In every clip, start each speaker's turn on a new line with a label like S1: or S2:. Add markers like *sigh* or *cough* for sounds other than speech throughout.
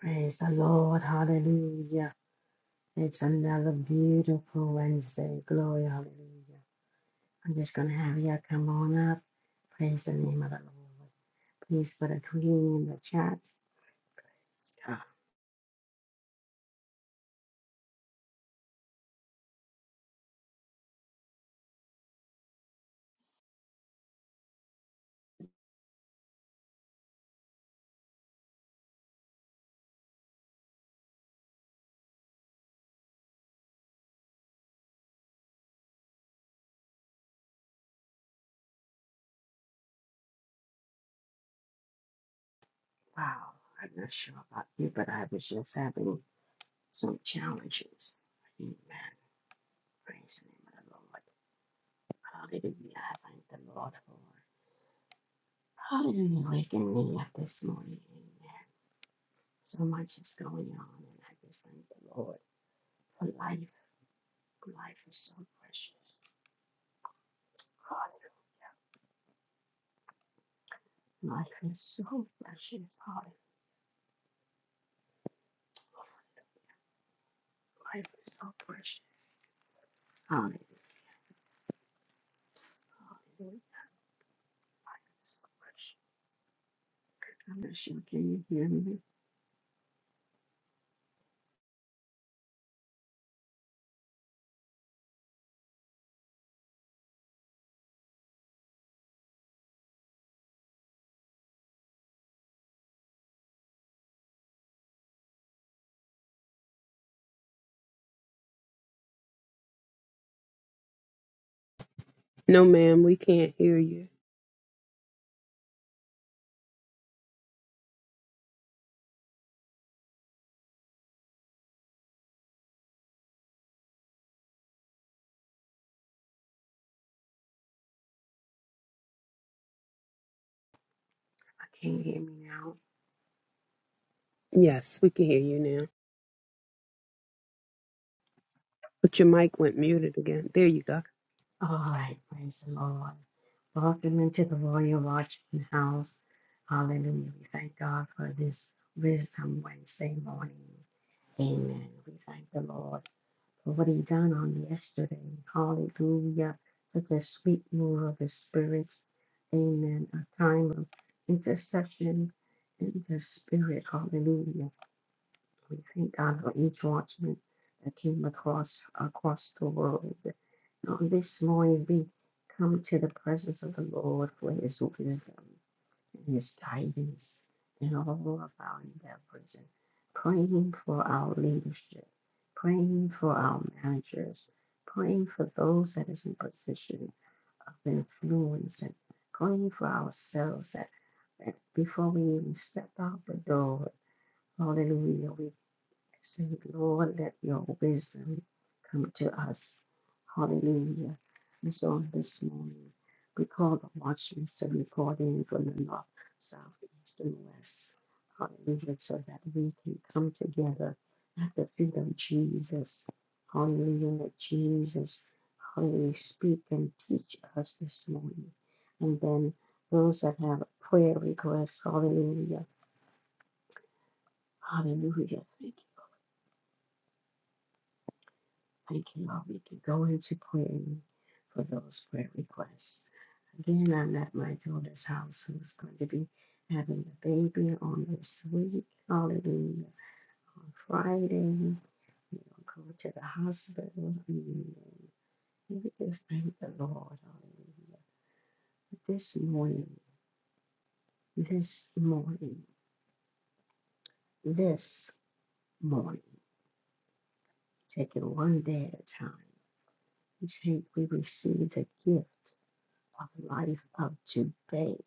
S1: Praise the Lord. Hallelujah. It's another beautiful Wednesday. Glory. Hallelujah. I'm just going to have you come on up. Praise the name of the Lord. Please put a greeting in the chat. Uh, wow. I'm not sure about you, but I was just having some challenges. Amen. Praise the name of the Lord. Hallelujah. I thank the Lord for Hallelujah waking me up this morning. Amen. So much is going on, and I just thank the Lord for life. Life is so precious. Life is so precious. Hallelujah. Life is so precious. Hallelujah. Hallelujah. Life is so precious. I'm not sure. Can you hear me?
S2: No, ma'am, we can't hear you.
S1: I can't hear me now.
S2: Yes, we can hear you now. But your mic went muted again. There you go.
S1: All right. Praise the Lord. Welcome into the Royal Watchman House. Hallelujah. We thank God for this Wisdom Wednesday morning. Amen. We thank the Lord. for what he done on yesterday. Hallelujah. Such a sweet move of the Spirit. Amen. A time of intercession in the Spirit. Hallelujah. We thank God for each watchman that came across across the world. And on this morning, we come to the presence of the Lord for his wisdom in his guidance in all of our endeavors and praying for our leadership, praying for our managers, praying for those that is in position of influence and praying for ourselves that, that before we even step out the door, hallelujah, we Say, Lord, let your wisdom come to us. Hallelujah. And so on this morning, we call the watchmen to report in from the north, south, east, and west. Hallelujah. So that we can come together at the feet of Jesus. Hallelujah. Let Jesus, hallelujah, speak and teach us this morning. And then those that have prayer requests, hallelujah. Hallelujah. Thank you. Thank you, Lord. We can go into praying for those prayer requests. Again, I'm at my daughter's house who's going to be having a baby on this week. Hallelujah. On Friday, we will go to the hospital. Hallelujah. We just thank the Lord. Hallelujah. This morning, this morning, this morning, take it one day at a time. We take, we receive the gift of life of today.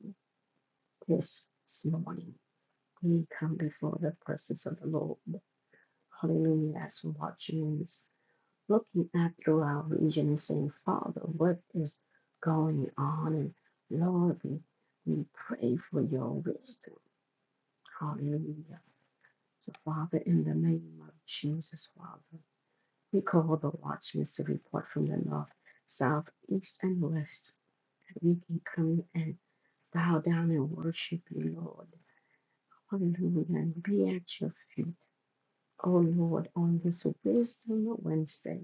S1: this morning. We come before the presence of the Lord. Hallelujah. As we're watching this, looking at through our region and saying, Father, what is going on? And Lord, we, we pray for your wisdom. Hallelujah. So, Father, in the name of Jesus, Father, we call the watchmen to report from the north, south, east, and west. that We can come and bow down and worship you, Lord Hallelujah. Be at your feet, O Lord, on this Wisdom Wednesday.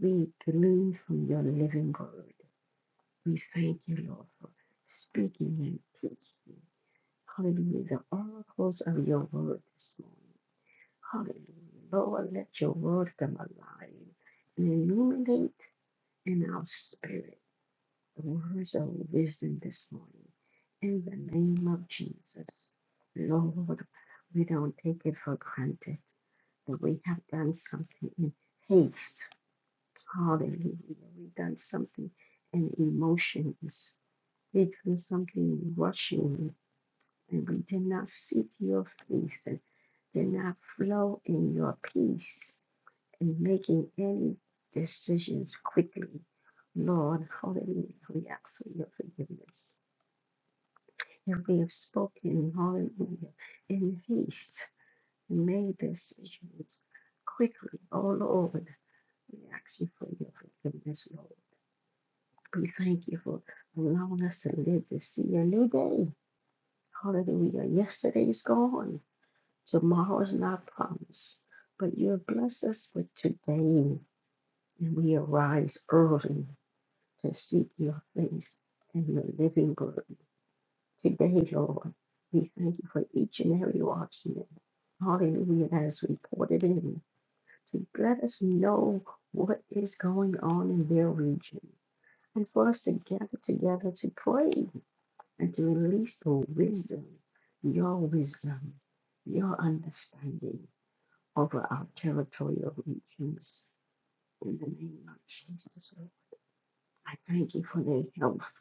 S1: We glean from your living word. We thank you, Lord, for speaking and teaching. Hallelujah. The oracles of your word this morning. Hallelujah. Lord, let your word come alive and illuminate in our spirit the words of wisdom this morning. In the name of Jesus. Lord, we don't take it for granted. and we have done something in haste. Hallelujah. We've done something in emotion. We've done something rushing, and we did not seek your face and did not flow in your peace and making any decisions quickly. Lord, hallelujah, we ask for your forgiveness. If we have spoken, hallelujah, in haste, and made decisions quickly, oh Lord, We ask you for your forgiveness, Lord. We thank you for allowing us to live to see a new day. Hallelujah. Yesterday is gone. Tomorrow is not promised. But you have blessed us with today. And we arise early to seek your face and your living word. Today, Lord, we thank you for each and every watchman. Hallelujah. As reported in to let us know what is going on in their region. and for us to gather together to pray and to release your wisdom, your wisdom, your understanding over our territorial regions. In the name of Jesus, Lord, I thank you for their health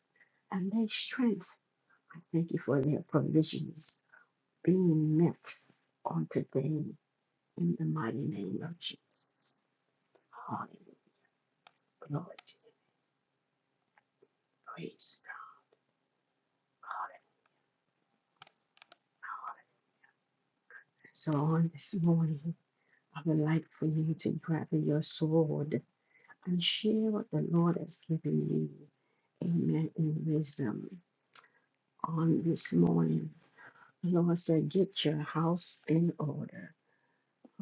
S1: and their strength. I thank you for their provisions being met on today in the mighty name of Jesus. Hallelujah. Glory to the praise. God. Hallelujah. So on this morning. I would like for you to gather your sword and share what the Lord has given you. Amen. In wisdom on this morning, the Lord said, Get your house in order.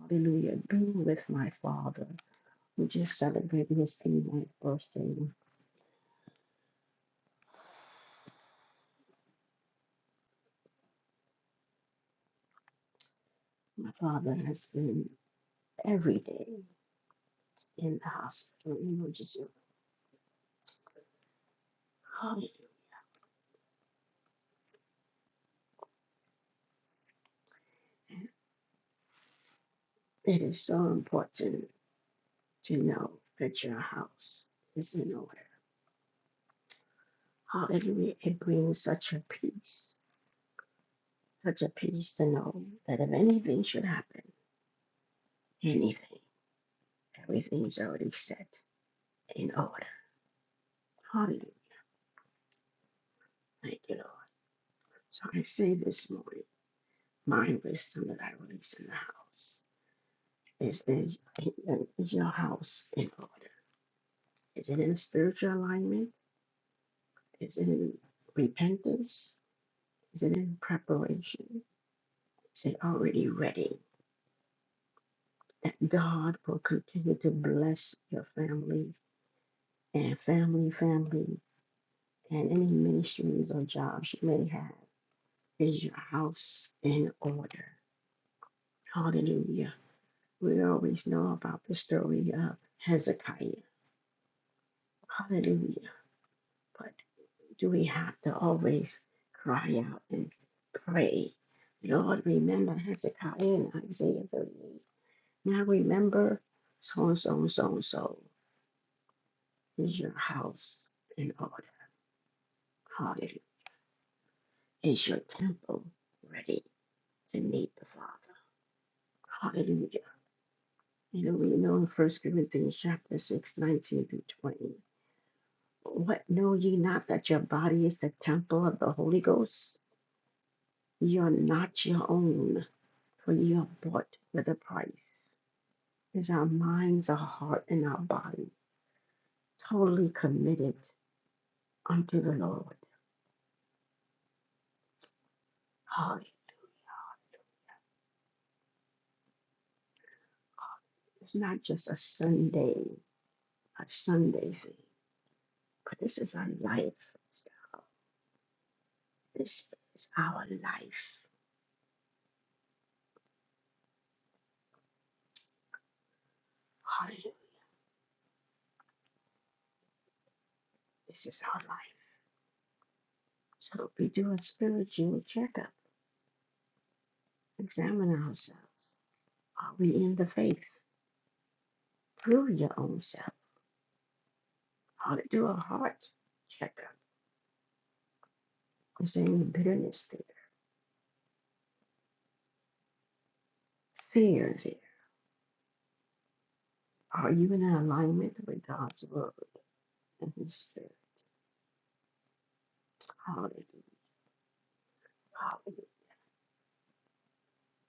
S1: Hallelujah. Be with my father. We just celebrated his 89th birthday. My father has been every day in the hospital. You know, just hallelujah. It is so important to know that your house is in order. Hallelujah. It brings such a peace, such a peace to know that if anything should happen, anything, everything is already set in order. Hallelujah. Thank you, Lord. So I say this morning, my wisdom that I release in the house is, is, is your house in order? Is it in spiritual alignment? Is it in repentance? Is it in preparation? Is it already ready? That God will continue to bless your family and family, family, and any ministries or jobs you may have is your house in order. Hallelujah. We always know about the story of Hezekiah. Hallelujah. But do we have to always cry out and pray? Lord, remember Hezekiah in Isaiah 38. Now remember so and so and so and so is your house in order. Hallelujah. Is your temple ready to meet the Father? Hallelujah. You know, we know in First Corinthians chapter six, nineteen 19 through 20. What know ye not that your body is the temple of the Holy Ghost? Ye are not your own, for ye are bought with a price. Is our minds, our heart, and our body totally committed unto the Lord? Oh, it's not just a Sunday, a Sunday thing, but this is our life. This is our life. Hallelujah. This is our life. So we do a spiritual checkup, examine ourselves. Are we in the faith? Prove your own self. How to do a heart checkup. Is there any bitterness there? Fear there? Are you in alignment with God's word and His spirit? Hallelujah. Hallelujah.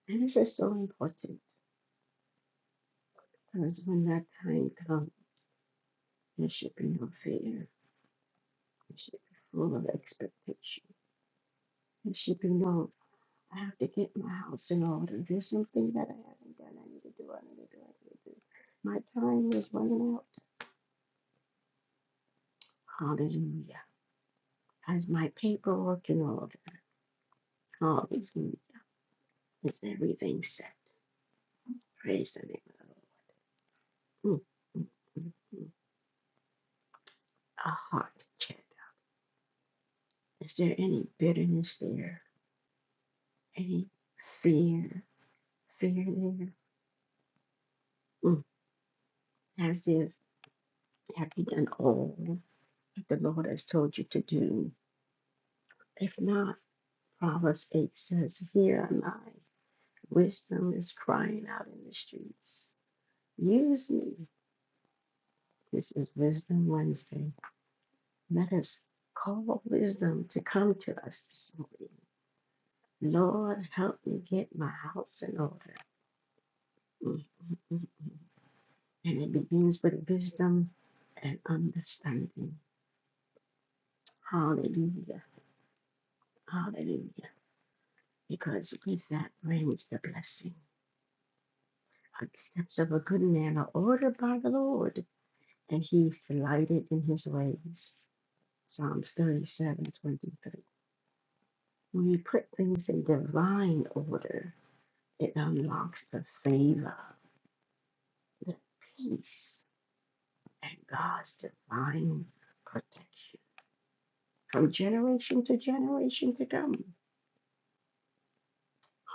S1: And this is so important because when that time comes, there should be no fear. There should be full of expectation. There should be no I have to get my house in order. There's something that I haven't done. I need to do. I need to do. I need to do. My time is running out. Hallelujah. Has my paperwork in order? Hallelujah. Is everything set? Praise the name of the Lord. Mm, mm, mm, mm. A heart check. Is there any bitterness there? Any fear? Fear there? Mm. Has this? Have you done all that the Lord has told you to do? If not. Proverbs 8 says, Here am I. Wisdom is crying out in the streets. Use me. This is Wisdom Wednesday. Let us call wisdom to come to us this morning. Lord, help me get my house in order. Mm, mm, mm, mm. And it begins with wisdom and understanding. Hallelujah. Hallelujah. Because with that brings the blessing. The steps of a good man are ordered by the Lord and he's delighted in his ways. Psalms 37:23. When you put things in divine order, it unlocks the favor, the peace, and God's divine protection from generation to generation to come.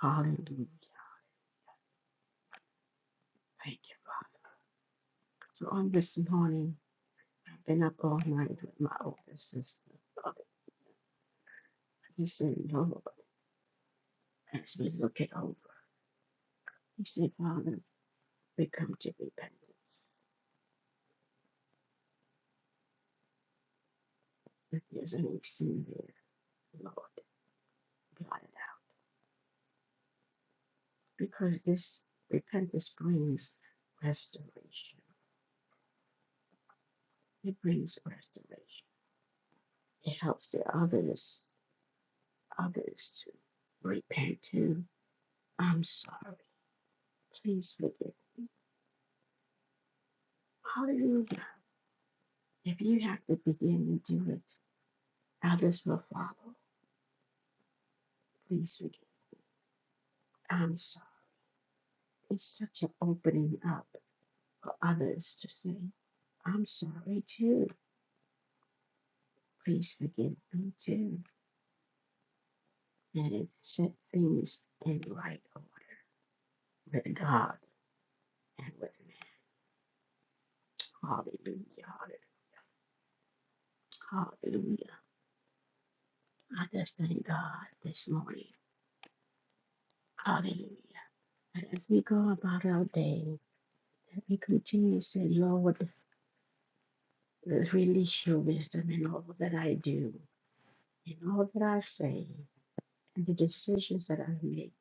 S1: Hallelujah. Thank you, Father. So on this morning, I've been up all night with my older sister. Father, I just said, Lord, as we look it over, he said, Father, we come to repentance. forgiveness needs to be there, Lord. Blot it out. Because this repentance brings restoration. It brings restoration. It helps the others others to repent too. I'm sorry. Please forgive me. Hallelujah. If you have to begin to do it, others will follow. Please forgive. I'm sorry. It's such an opening up for others to say, I'm sorry too. Please forgive me too. and set things in right order with God and with man. Hallelujah. Hallelujah. Hallelujah. I just thank God this morning. Hallelujah. And as we go about our day, that we continue to say, Lord, release your wisdom in all that I do, in all that I say, and the decisions that I make.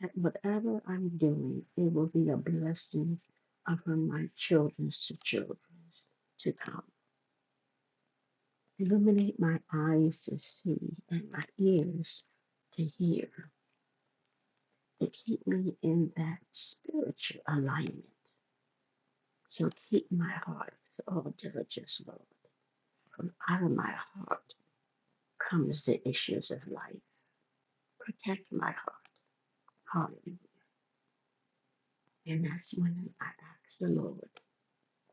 S1: That whatever I'm doing, it will be a blessing upon my children's to children's to come. Illuminate my eyes to see and my ears to hear. To keep me in that spiritual alignment. So keep my heart with all diligence, Lord. From out of my heart comes the issues of life. Protect my heart. Hallelujah. And that's when I ask the Lord,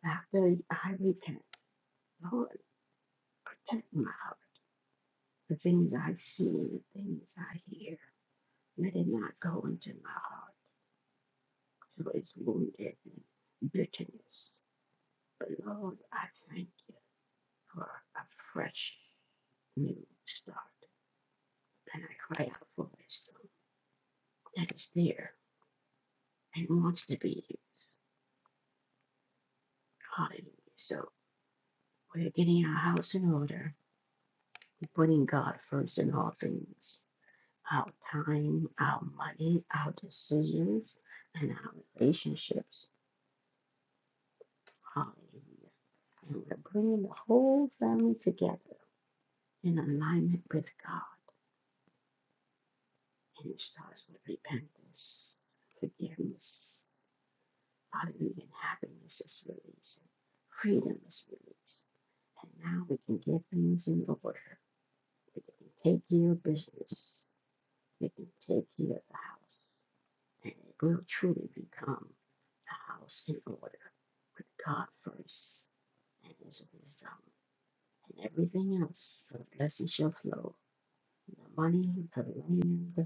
S1: after I repent, Lord, protect my heart. The things I see and the things I hear, let it not go into my heart. Praise the wounded and bitterness. But Lord, I thank you for a fresh new start. And I cry out for my son that is there and wants to be used. Hallelujah. So we're getting our house in order, putting God first in all things. Our time, our money, our decisions, and our relationships. Hallelujah. And we're bringing the whole family together in alignment with God. and it starts with repentance, forgiveness, hallelujah, and happiness is released, freedom is released. And now we can get things in order. We can take care of business. We can take care of the house. And it will truly become a house in order with God first and his wisdom. And everything else, the blessing shall flow. The money, the land, the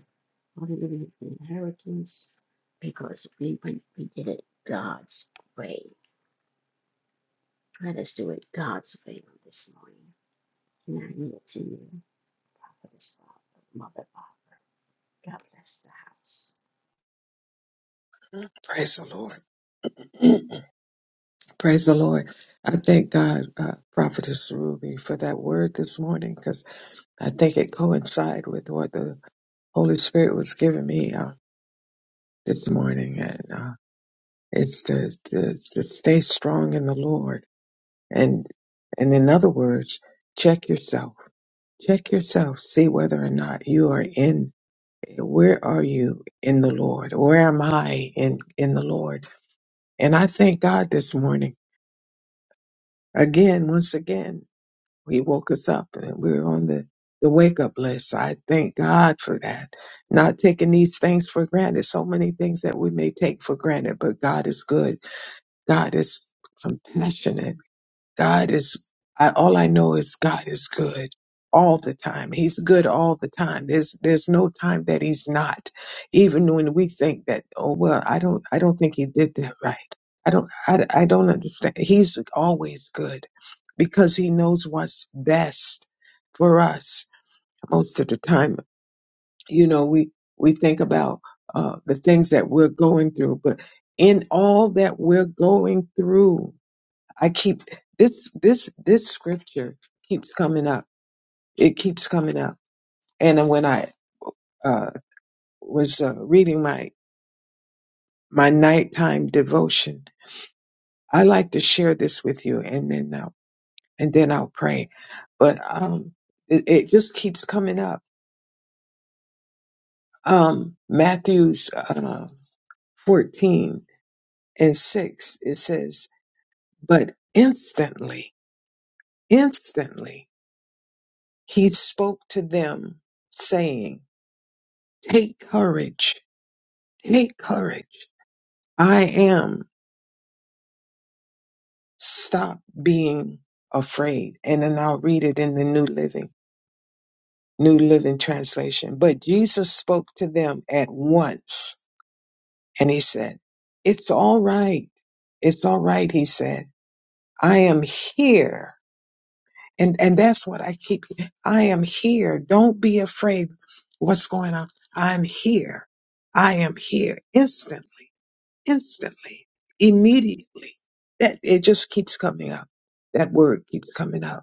S1: Hallelujah for inheritance because we, we, we did it God's way. Let us do it God's way on this morning. And I yield to you, Prophetess Father, Mother Father. God bless the house.
S3: Praise the Lord. *clears throat* Mm. Praise the Lord. I thank God, uh, Prophetess Ruby, for that word this morning because I think it coincides with what the Holy Spirit was giving me uh, this morning, and uh, it's to, to, to stay strong in the Lord, and and in other words, check yourself, check yourself, see whether or not you are in. Where are you in the Lord? Where am I in in the Lord? And I thank God this morning again, once again. He woke us up and we were on the, the wake up list. So I thank God for that. Not taking these things for granted. So many things that we may take for granted, but God is good. God is compassionate. God is, I, all I know is God is good all the time. He's good all the time. There's, there's no time that he's not. Even when we think that, oh, well, I don't, I don't think he did that right. I don't, I, I don't understand. He's always good because he knows what's best for us. Most of the time, you know, we, we think about, uh, the things that we're going through, but in all that we're going through, I keep this this this scripture keeps coming up. It keeps coming up. And when I uh, was uh, reading my my nighttime devotion, I like to share this with you, and then I'll, and then I'll pray. But um, it, it just keeps coming up. Um, Matthew's uh, fourteen and six. It says, "But instantly, instantly, he spoke to them, saying, 'Take courage. Take courage. I am. Stop being afraid. And then I'll read it in the New Living, New Living Translation. But Jesus spoke to them at once and he said, It's all right. It's all right. He said, I am here. And, and that's what I keep. I am here. Don't be afraid. What's going on? I'm here. I am here instantly. instantly, immediately. That it just keeps coming up. That word keeps coming up.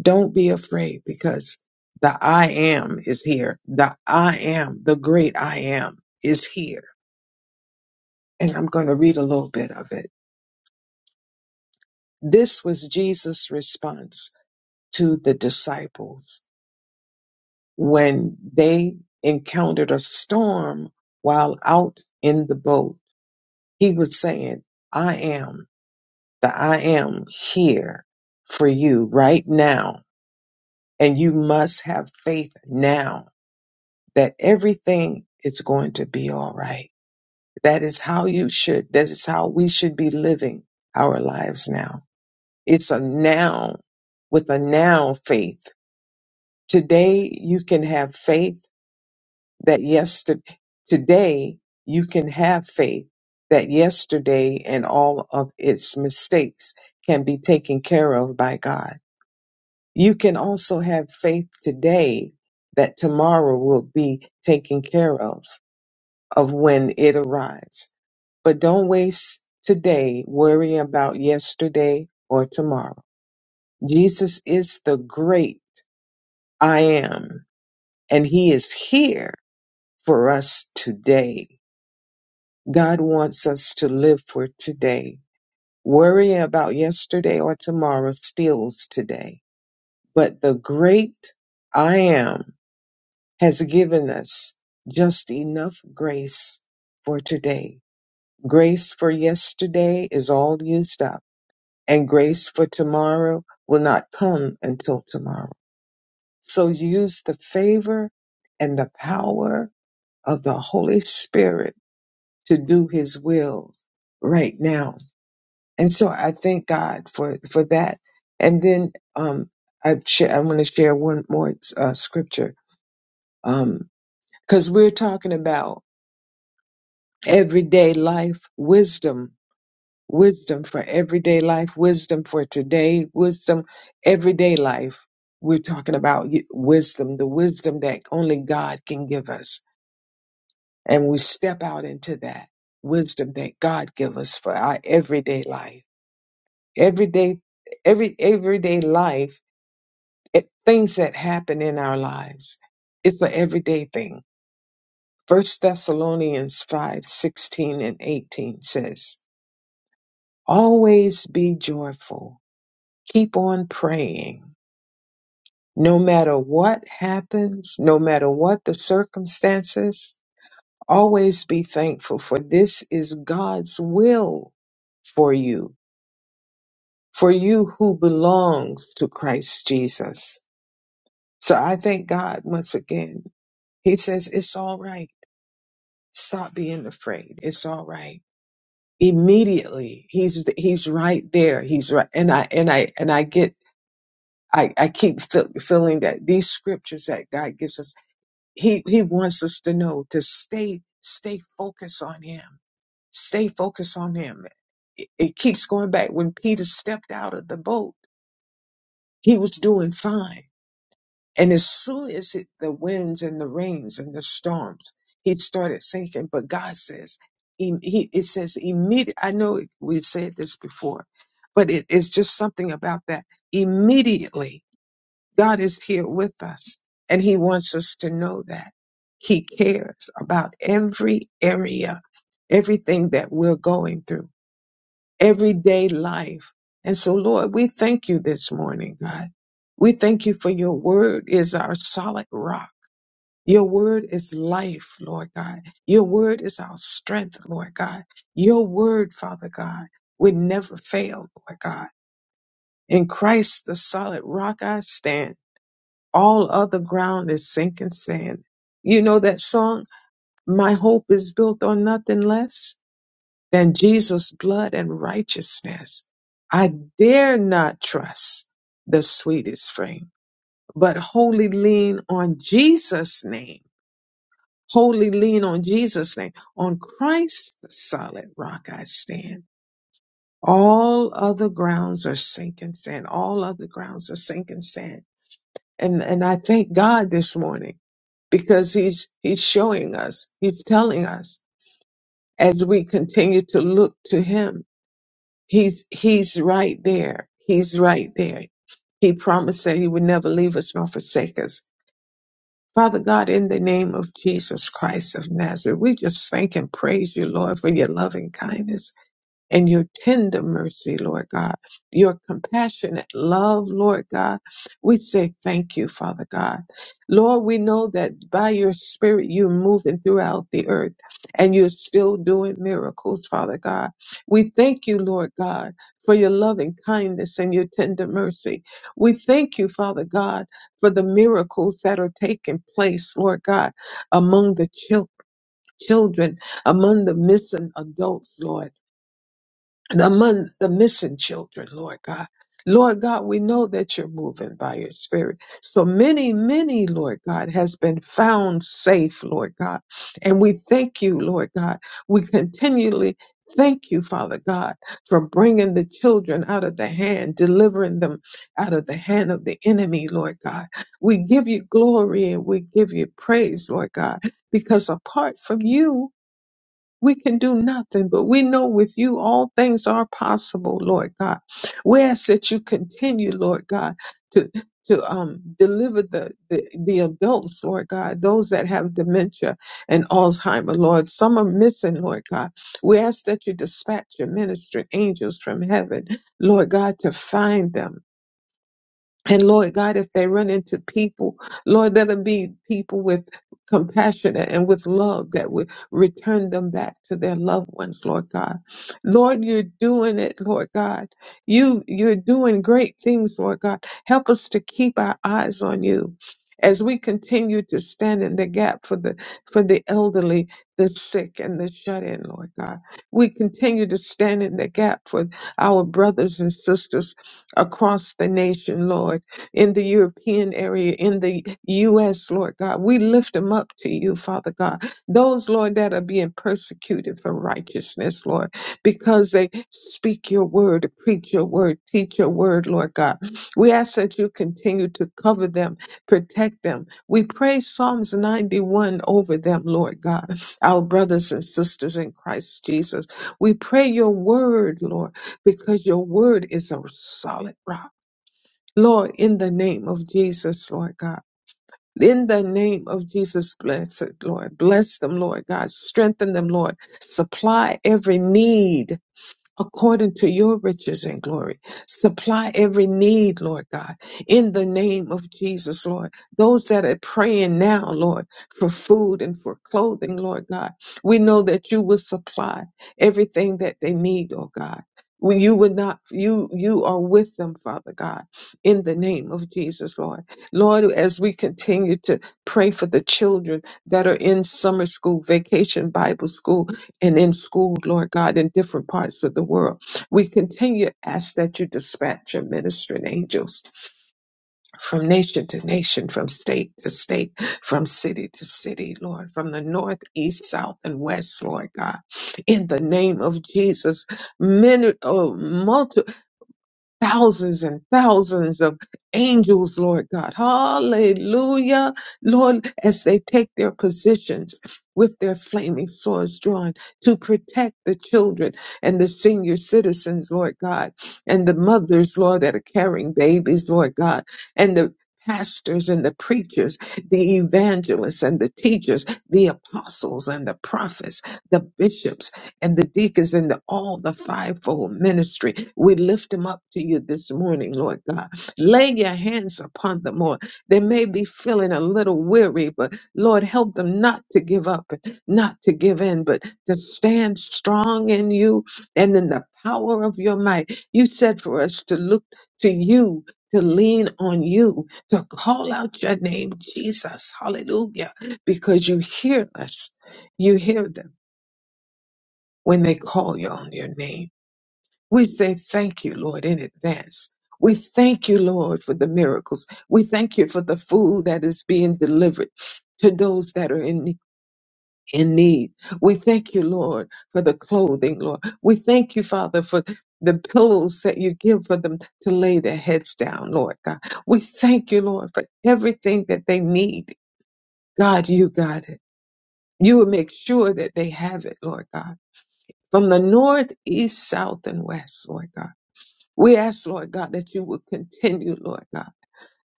S3: Don't be afraid because the I am is here. The I am, the great I am is here. And I'm going to read a little bit of it. This was Jesus' response to the disciples when they encountered a storm while out in the boat. He was saying, I am. that I am here for you right now. And you must have faith now that everything is going to be all right. That is how you should, that is how we should be living our lives now. It's a now with a now faith. Today you can have faith that yesterday, today you can have faith that yesterday and all of its mistakes can be taken care of by God You can also have faith today that tomorrow will be taken care of, of when it arrives. But don't waste today worrying about yesterday or tomorrow. Jesus is the great I am, and he is here for us today. God wants us to live for today. Worrying about yesterday or tomorrow steals today. But the great I am has given us just enough grace for today. Grace for yesterday is all used up, and grace for tomorrow will not come until tomorrow. So use the favor and the power of the Holy Spirit to do His will right now. And so I thank God for, for that. And then um, I, sh- I want to share one more uh, scripture because we're talking about everyday life wisdom wisdom for everyday life wisdom for today wisdom everyday life we're talking about y- wisdom the wisdom that only god can give us and we step out into that wisdom that god give us for our everyday life everyday every everyday life it, things that happen in our lives it's an everyday thing first thessalonians 5 16 and 18 says Always be joyful. Keep on praying. No matter what happens, no matter what the circumstances, always be thankful, for this is God's will for you, for you who belongs to Christ Jesus. So I thank God once again. He says, It's all right. Stop being afraid. It's all right. Immediately, he's he's right there. He's right, and I and I and I get I, I keep feel, feeling that these scriptures that God gives us, He He wants us to know to stay stay focused on Him, stay focused on Him. It, it keeps going back when Peter stepped out of the boat, he was doing fine, and as soon as it, the winds and the rains and the storms, he started sinking. But God says, he, he it says immediate. I know we said this before, but it, it's just something about that immediately God is here with us, and He wants us to know that He cares about every area, everything that we're going through, everyday life. And so, Lord, we thank you this morning, God. We thank you for your word is our solid rock. Your word is life, Lord God. Your word is our strength, Lord God. Your word, Father God, would never fail, Lord God. In Christ, the solid rock I stand all other ground is sinking sand. You know that song, My Hope is Built on Nothing Less Than Jesus' Blood and Righteousness. I dare not trust the sweetest frame, but wholly lean on Jesus' name. Wholly lean on Jesus' name. On Christ, the solid rock I stand. All other grounds are sinking sand. All other grounds are sinking sand. And, and I thank God this morning because he's he's showing us he's telling us as we continue to look to him he's he's right there he's right there he promised that he would never leave us nor forsake us father god in the name of jesus christ of nazareth we just thank and praise you lord for your loving kindness and your tender mercy, Lord God, your compassionate love, Lord God. We say thank you, Father God. Lord, we know that by your spirit, you're moving throughout the earth and you're still doing miracles, Father God. We thank you, Lord God, for your loving kindness and your tender mercy. We thank you, Father God, for the miracles that are taking place, Lord God, among the chil- children, among the missing adults, Lord and among the missing children, Lord God. Lord God, we know that you're moving by your spirit. So many, many, Lord God, has been found safe, Lord God. And we thank you, Lord God. We continually thank you, Father God, for bringing the children out of the hand, delivering them out of the hand of the enemy, Lord God. We give you glory and we give you praise, Lord God, because apart from you, we can do nothing, but we know with you all things are possible, Lord God. We ask that you continue, Lord God, to to um, deliver the, the the adults, Lord God, those that have dementia and Alzheimer, Lord. Some are missing, Lord God. We ask that you dispatch your ministering angels from heaven, Lord God, to find them. And Lord God, if they run into people, Lord, let them be people with compassion and with love that would return them back to their loved ones, Lord God. Lord, you're doing it, Lord God. You, you're doing great things, Lord God. Help us to keep our eyes on you as we continue to stand in the gap for the, for the elderly, the sick and the shut in, Lord God. We continue to stand in the gap for our brothers and sisters across the nation, Lord, in the European area, in the U.S., Lord God. We lift them up to you, Father God. Those, Lord, that are being persecuted for righteousness, Lord, because they speak your word, preach your word, teach your word, Lord God. We ask that you continue to cover them, protect them. We pray Psalms 91 over them, Lord God, our brothers and sisters in Christ Jesus. We pray your word, Lord because your word is a solid rock. Lord, in the name of Jesus, Lord God. In the name of Jesus, bless it, Lord. Bless them, Lord God. Strengthen them, Lord. Supply every need according to your riches and glory. Supply every need, Lord God, in the name of Jesus, Lord. Those that are praying now, Lord, for food and for clothing, Lord God, we know that you will supply everything that they need, oh God. We, you would not you you are with them father god in the name of jesus lord lord as we continue to pray for the children that are in summer school vacation bible school and in school, Lord God, in different parts of the world. We continue to ask that you dispatch your ministering angels from nation to nation, from state to state, from city to city, Lord, from the north, east, south, and west, Lord God. In the name of Jesus, many, thousands and thousands of angels, Lord God. Hallelujah. Lord, as they take their positions with their flaming swords drawn to protect the children and the senior citizens, Lord God, and the mothers, Lord, that are carrying babies, Lord God, and the pastors and the preachers, the evangelists and the teachers, the apostles and the prophets, the bishops and the deacons and the, all the fivefold ministry. We lift them up to you this morning, Lord God. Lay your hands upon them, Lord. They may be feeling a little weary, but Lord, help them not to give up, not to give in, but to stand strong in you and in the power of your might. You said for us to look to you. To lean on you, to call out your name, Jesus, hallelujah, because you hear us. You hear them when they call you on your name. We say thank you, Lord, in advance. We thank you, Lord, for the miracles. We thank you for the food that is being delivered to those that are in, in need. We thank you, Lord, for the clothing, Lord. We thank you, Father, for the pillows that you give for them to lay their heads down, Lord God. We thank you, Lord, for everything that they need. God, you got it. You will make sure that they have it, Lord God from the north, east, south, and west, Lord God. We ask, Lord God, that you would continue, Lord God,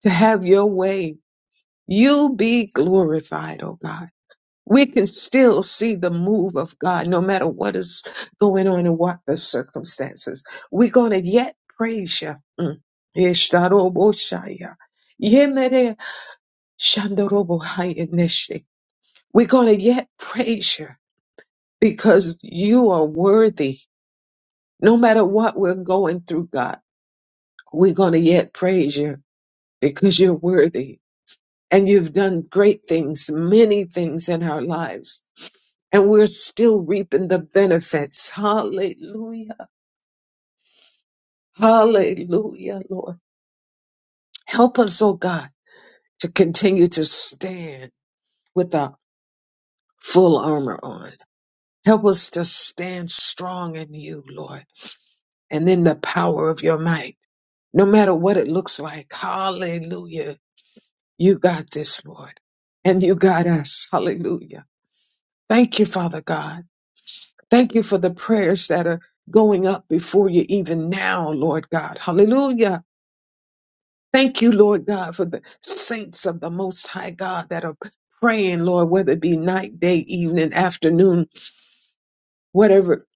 S3: to have your way. You be glorified, oh God. We can still see the move of God no matter what is going on and what the circumstances. We're going to yet praise you. Mm. Ishtaroboshaya. Yemere shandorobohayaneshte. We're going to yet praise you because you are worthy No matter what we're going through, God, we're going to yet praise you because you're worthy and you've done great things, many things in our lives. And we're still reaping the benefits. Hallelujah. Hallelujah, Lord. Help us, oh God, to continue to stand with our full armor on. Help us to stand strong in you, Lord, and in the power of your might, no matter what it looks like. Hallelujah You got this, Lord, and you got us. Hallelujah. Thank you, Father God. Thank you for the prayers that are going up before you even now, Lord God. Hallelujah. Thank you, Lord God, for the saints of the Most High God that are praying, Lord, whether it be night, day, evening, afternoon, whatever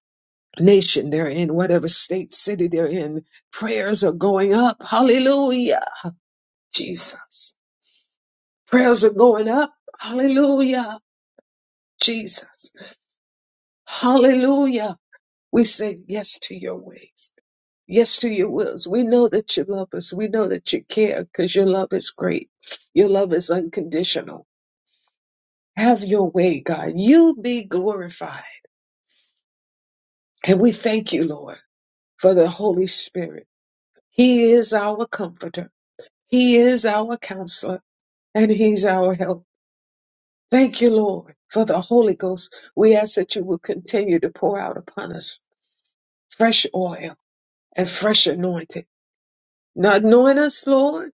S3: nation they're in, whatever state, city they're in. Prayers are going up. Hallelujah, Jesus. Prayers are going up. Hallelujah, Jesus. Hallelujah. We say yes to your ways. Yes to your wills. We know that you love us. We know that you care because your love is great. Your love is unconditional. Have your way, God. You be glorified. And we thank you, Lord, for the Holy Spirit. He is our comforter. He is our counselor and he's our help. Thank you, Lord, for the Holy Ghost. We ask that you will continue to pour out upon us fresh oil and fresh anointing Not knowing us, Lord,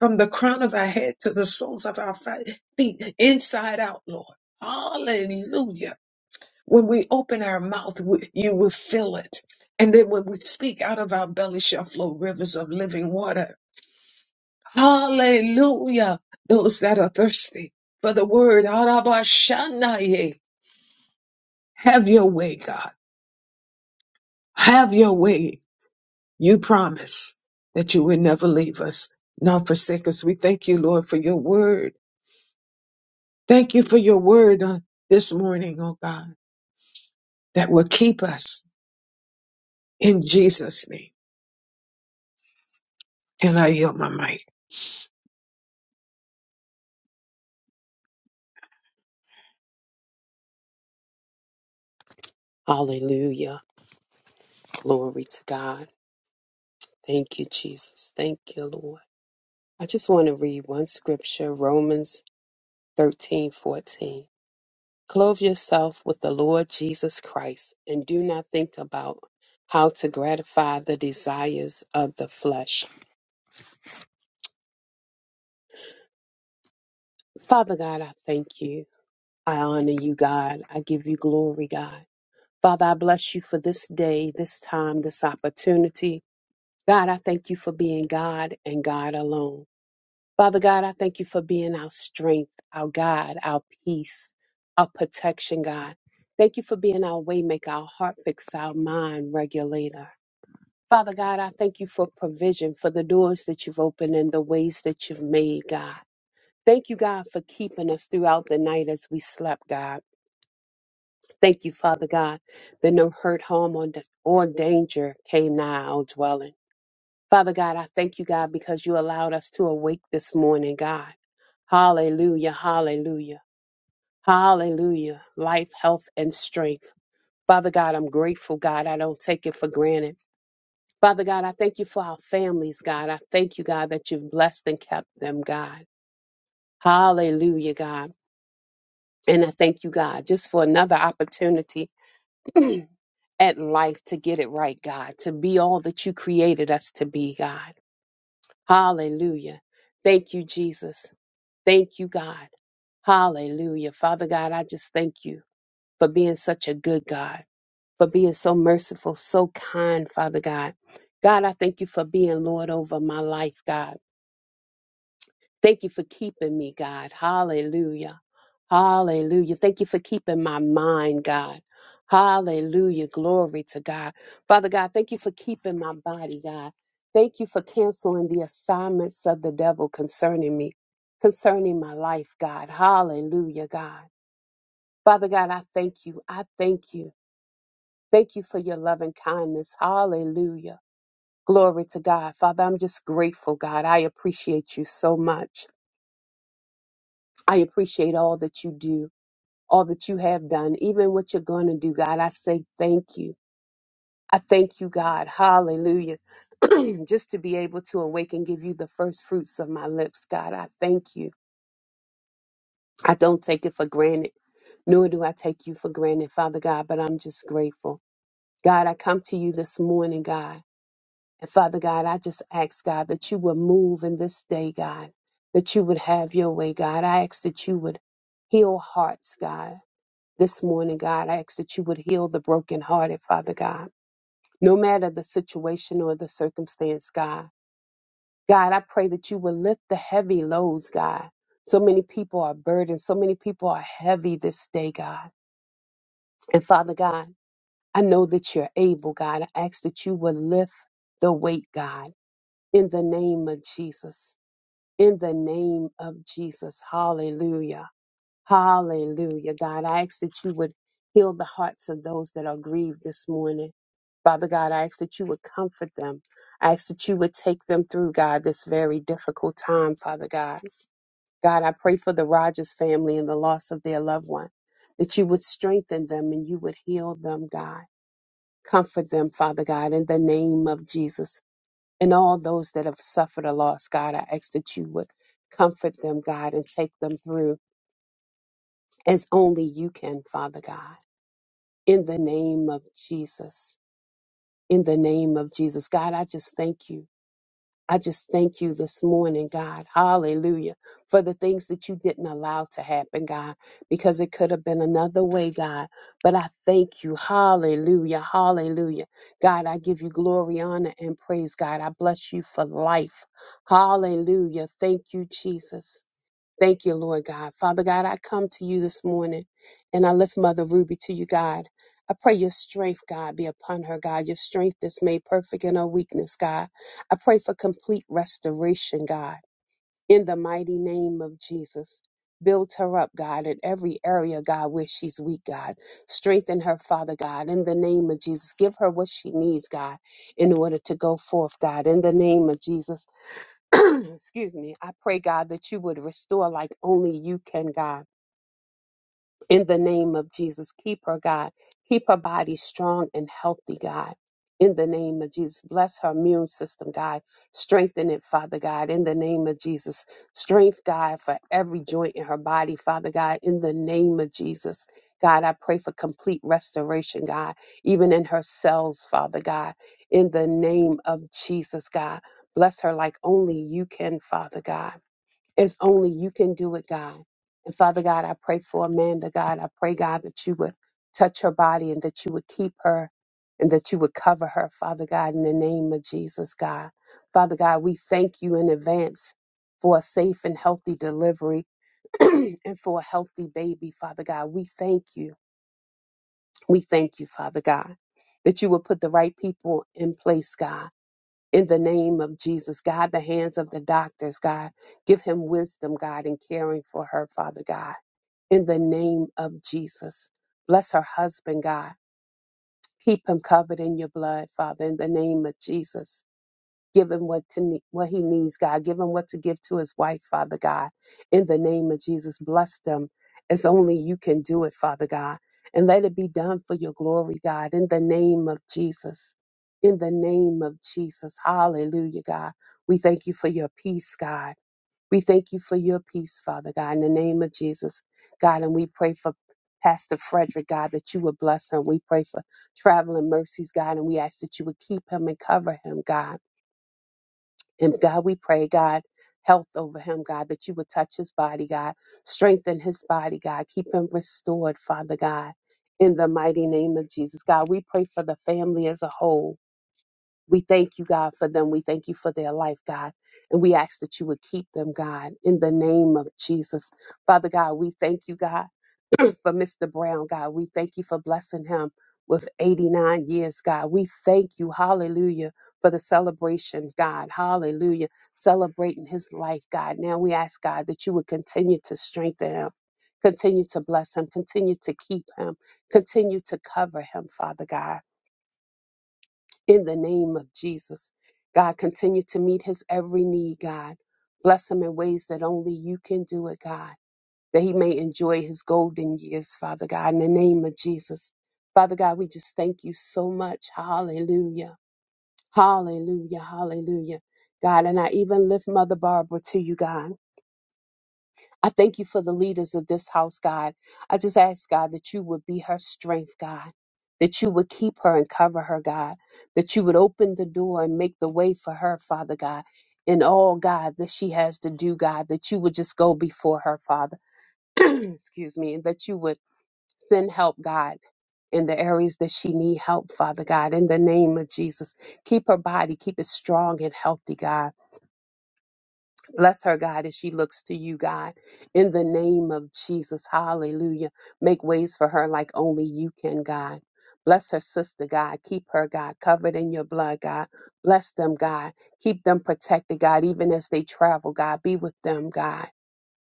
S3: from the crown of our head to the soles of our fi- feet, inside out, Lord. Hallelujah. When we open our mouth, we- you will fill it. And then when we speak out of our belly shall flow rivers of living water. Hallelujah. Those that are thirsty for the word, Arabashanaye. have your way, God. Have your way. You promise that you will never leave us, not forsake us. We thank you, Lord, for your word Thank you for your word on this morning, oh God, that will keep us in Jesus' name. And I yield my mic.
S2: Hallelujah. Glory to God. Thank you, Jesus. Thank you, Lord. I just want to read one scripture, Romans 13 14. Clothe yourself with the Lord Jesus Christ and do not think about how to gratify the desires of the flesh. Father God, I thank you. I honor you, God. I give you glory, God. Father, I bless you for this day, this time, this opportunity. God, I thank you for being God and God alone. Father God, I thank you for being our strength, our God, our peace, our protection, God. Thank you for being our waymaker, our heart fix, our mind regulator. Father God, I thank you for provision, for the doors that you've opened and the ways that you've made, God. Thank you, God, for keeping us throughout the night as we slept, God. Thank you, Father God, that no hurt, harm, or, or danger came nigh our dwelling. Father God, I thank you, God, because you allowed us to awake this morning, God. Hallelujah, hallelujah, hallelujah. Life, health, and strength. Father God, I'm grateful, God. I don't take it for granted. Father God, I thank you for our families, God. I thank you, God, that you've blessed and kept them, God. Hallelujah, God. And I thank you, God, just for another opportunity *clears throat* at life to get it right, God, to be all that you created us to be, God. Hallelujah. Thank you, Jesus. Thank you, God. Hallelujah. Father God, I just thank you for being such a good God, for being so merciful, so kind, Father God. God, I thank you for being Lord over my life, God. Thank you for keeping me, God. Hallelujah. Hallelujah. Thank you for keeping my mind, God. Hallelujah. Glory to God. Father God, thank you for keeping my body, God. Thank you for canceling the assignments of the devil concerning me, concerning my life, God. Hallelujah, God. Father God, I thank you. I thank you. Thank you for your loving kindness. Hallelujah. Glory to God. Father, I'm just grateful, God. I appreciate you so much. I appreciate all that you do, all that you have done, even what you're going to do, God. I say thank you. I thank you, God. Hallelujah. *clears throat* Just to be able to awake and give you the first fruits of my lips, God. I thank you. I don't take it for granted, nor do I take you for granted, Father God, but I'm just grateful. God, I come to you this morning, God. And Father God, I just ask, God, that you would move in this day, God, that you would have your way, God. I ask that you would heal hearts, God. This morning, God, I ask that you would heal the brokenhearted, Father God, no matter the situation or the circumstance, God. God, I pray that you will lift the heavy loads, God. So many people are burdened. So many people are heavy this day, God. And Father God, I know that you're able, God. I ask that you will lift the weight, God, in the name of Jesus. In the name of Jesus. Hallelujah. Hallelujah, God. I ask that you would heal the hearts of those that are grieved this morning. Father God, I ask that you would comfort them. I ask that you would take them through, God, this very difficult time, Father God. God, I pray for the Rogers family and the loss of their loved one, that you would strengthen them and you would heal them, God. Comfort them, Father God, in the name of Jesus. And all those that have suffered a loss, God, I ask that you would comfort them, God, and take them through as only you can, Father God. In the name of Jesus. In the name of Jesus. God, I just thank you. I just thank you this morning, God. Hallelujah. For the things that you didn't allow to happen, God, because it could have been another way, God. But I thank you. Hallelujah. Hallelujah. God, I give you glory, honor, and praise, God. I bless you for life. Hallelujah. Thank you, Jesus. Thank you, Lord God. Father God, I come to you this morning and I lift Mother Ruby to you, God. I pray your strength, God, be upon her, God. Your strength is made perfect in her weakness, God. I pray for complete restoration, God, in the mighty name of Jesus. Build her up, God, in every area, God, where she's weak, God. Strengthen her, Father God, in the name of Jesus. Give her what she needs, God, in order to go forth, God, in the name of Jesus. *clears throat* excuse me, I pray, God, that you would restore like only you can, God in the name of Jesus. Keep her, God. Keep her body strong and healthy, God. In the name of Jesus. Bless her immune system, God. Strengthen it, Father God. In the name of Jesus. Strength, God, for every joint in her body, Father God. In the name of Jesus. God, I pray for complete restoration, God, even in her cells, Father God. In the name of Jesus, God. Bless her like only you can, Father God. It's only you can do it, God. And Father God, I pray for Amanda, God. I pray, God, that you would touch her body and that you would keep her and that you would cover her, Father God, in the name of Jesus, God. Father God, we thank you in advance for a safe and healthy delivery *clears throat* and for a healthy baby, Father God. We thank you. We thank you, Father God, that you will put the right people in place, God in the name of Jesus. God, the hands of the doctors, God, give him wisdom, God, in caring for her, Father God, in the name of Jesus. Bless her husband, God. Keep him covered in your blood, Father, in the name of Jesus. Give him what to ne- what he needs, God. Give him what to give to his wife, Father God. In the name of Jesus, bless them as only you can do it, Father God. And let it be done for your glory, God. In the name of Jesus. In the name of Jesus. Hallelujah, God. We thank you for your peace, God. We thank you for your peace, Father God, in the name of Jesus, God. And we pray for Pastor Frederick, God, that you would bless him. We pray for traveling mercies, God, and we ask that you would keep him and cover him, God. And God, we pray, God, health over him, God, that you would touch his body, God, strengthen his body, God, keep him restored, Father God, in the mighty name of Jesus. God, we pray for the family as a whole. We thank you, God, for them. We thank you for their life, God. And we ask that you would keep them, God, in the name of Jesus. Father God, we thank you, God. *laughs* for Mr. Brown, God. We thank you for blessing him with 89 years, God. We thank you, hallelujah, for the celebration, God. Hallelujah. Celebrating his life, God. Now we ask, God, that you would continue to strengthen him. Continue to bless him. Continue to keep him. Continue to cover him, Father God, in the name of Jesus. God, continue to meet his every need, God. Bless him in ways that only you can do it, God that he may enjoy his golden years, Father God, in the name of Jesus. Father God, we just thank you so much. Hallelujah. Hallelujah. Hallelujah. God, and I even lift Mother Barbara to you, God. I thank you for the leaders of this house, God. I just ask, God, that you would be her strength, God, that you would keep her and cover her, God, that you would open the door and make the way for her, Father God, in all, God, that she has to do, God, that you would just go before her, Father. *clears throat* Excuse me, and that you would Send help, God, in the areas that she need help, Father God, in the name of Jesus. Keep her body, keep it strong and healthy, God. Bless her, God, as she looks to you, God, in the name of Jesus. Hallelujah. Make ways for her like only you can, God. Bless her sister, God. Keep her, God, covered in your blood, God. Bless them, God. Keep them protected, God, even as they travel, God. Be with them, God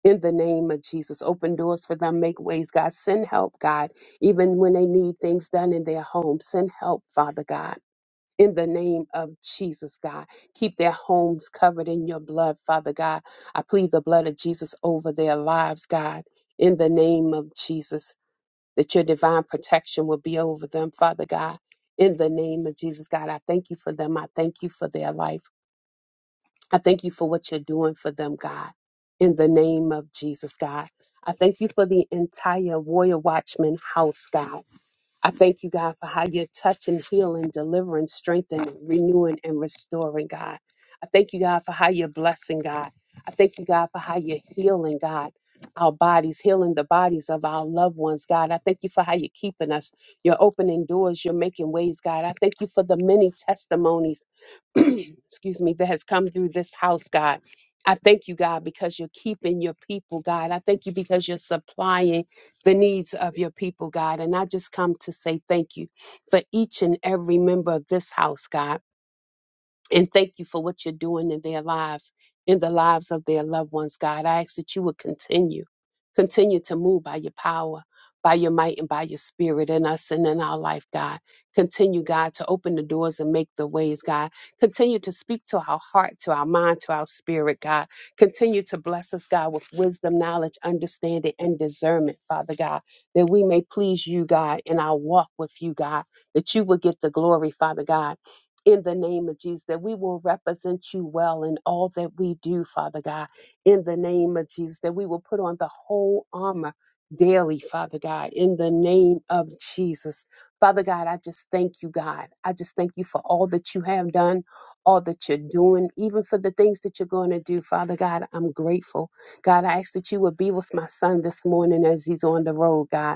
S2: in the name of Jesus. Open doors for them, make ways, God. Send help, God, even when they need things done in their home. Send help, Father God. In the name of Jesus, God. Keep their homes covered in your blood, Father God. I plead the blood of Jesus over their lives, God, in the name of Jesus, that your divine protection will be over them, Father God. In the name of Jesus, God, I thank you for them. I thank you for their life. I thank you for what you're doing for them, God. In the name of Jesus, God. I thank you for the entire Warrior Watchman house, God. I thank you, God, for how you're touching, healing, delivering, strengthening, renewing, and restoring, God. I thank you, God, for how you're blessing, God. I thank you, God, for how you're healing, God. Our bodies, healing the bodies of our loved ones, God. I thank you for how you're keeping us. You're opening doors, you're making ways, God. I thank you for the many testimonies *clears throat* excuse me, that has come through this house, God. I thank you, God, because you're keeping your people, God. I thank you because you're supplying the needs of your people, God. And I just come to say thank you for each and every member of this house, God and thank you for what you're doing in their lives, in the lives of their loved ones, God. I ask that you would continue, continue to move by your power, by your might, and by your spirit in us and in our life, God. Continue, God, to open the doors and make the ways, God. Continue to speak to our heart, to our mind, to our spirit, God. Continue to bless us, God, with wisdom, knowledge, understanding, and discernment, Father God, that we may please you, God, in our walk with you, God, that you will get the glory, Father God in the name of Jesus, that we will represent you well in all that we do, Father God, in the name of Jesus, that we will put on the whole armor daily, Father God, in the name of Jesus. Father God, I just thank you, God. I just thank you for all that you have done, all that you're doing, even for the things that you're going to do, Father God. I'm grateful. God, I ask that you would be with my son this morning as he's on the road, God.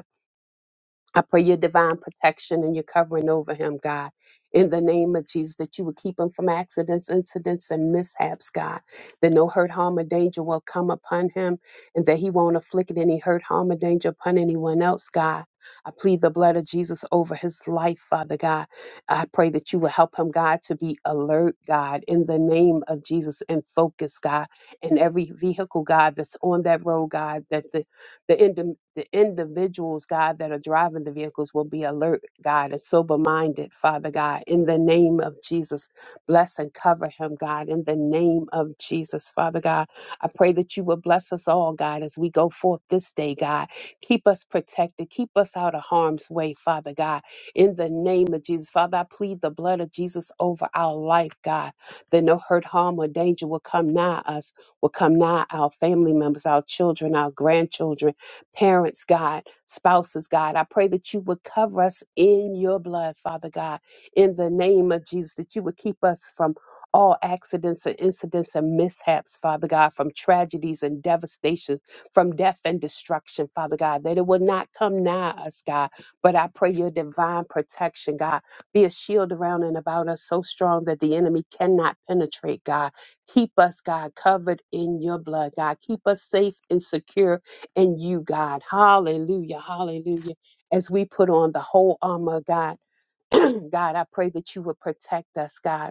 S2: I pray your divine protection and your covering over him, God. In the name of Jesus, that you would keep him from accidents, incidents, and mishaps, God. That no hurt, harm, or danger will come upon him, and that he won't afflict any hurt, harm, or danger upon anyone else, God. I plead the blood of Jesus over his life, Father God. I pray that you will help him, God, to be alert, God, in the name of Jesus, and focus, God, in every vehicle, God, that's on that road, God, that the the, indi- the individuals, God, that are driving the vehicles will be alert, God, and sober minded, Father God, in the name of Jesus. Bless and cover him, God, in the name of Jesus, Father God. I pray that you will bless us all, God, as we go forth this day, God. Keep us protected, keep us out of harm's way, Father God, in the name of Jesus. Father, I plead the blood of Jesus over our life, God, that no hurt, harm, or danger will come nigh us, will come nigh our family members, our children, our grandchildren parents, God, spouses, God. I pray that you would cover us in your blood, Father God, in the name of Jesus, that you would keep us from all accidents and incidents and mishaps, Father God, from tragedies and devastation, from death and destruction, Father God, that it would not come nigh us, God. But I pray your divine protection, God, be a shield around and about us so strong that the enemy cannot penetrate, God. Keep us, God, covered in your blood, God. Keep us safe and secure and you, God. Hallelujah. Hallelujah. As we put on the whole armor, of God, *clears throat* God, I pray that you would protect us, God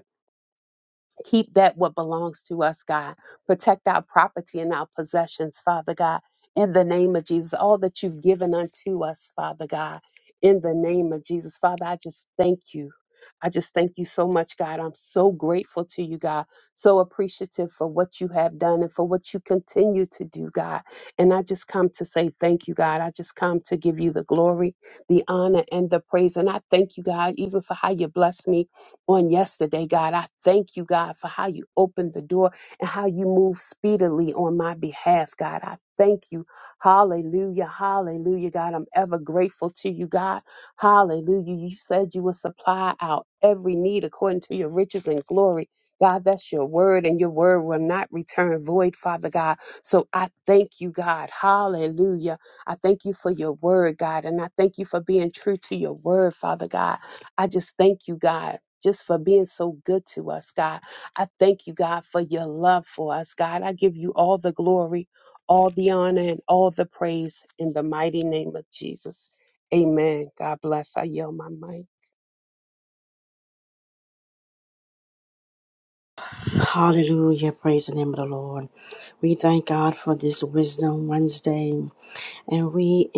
S2: keep that what belongs to us, God. Protect our property and our possessions, Father God. In the name of Jesus, all that you've given unto us, Father God. In the name of Jesus, Father, I just thank you. I just thank you so much, God. I'm so grateful to you, God. So appreciative for what you have done and for what you continue to do, God. And I just come to say thank you, God. I just come to give you the glory, the honor, and the praise. And I thank you, God, even for how you bless me on yesterday, God. I thank you, God, for how you opened the door and how you moved speedily on my behalf, God. I thank you. Hallelujah. Hallelujah, God. I'm ever grateful to you, God. Hallelujah. You said you would supply out every need according to your riches and glory. God, that's your word, and your word will not return void, Father God. So I thank you, God. Hallelujah. I thank you for your word, God, and I thank you for being true to your word, Father God. I just thank you, God, just for being so good to us, God. I thank you, God, for your love for us, God. I give you all the glory, all the honor, and all the praise in the mighty name of Jesus. Amen. God bless. I yield my mic.
S1: Hallelujah, praise the Lord. We thank for this wisdom and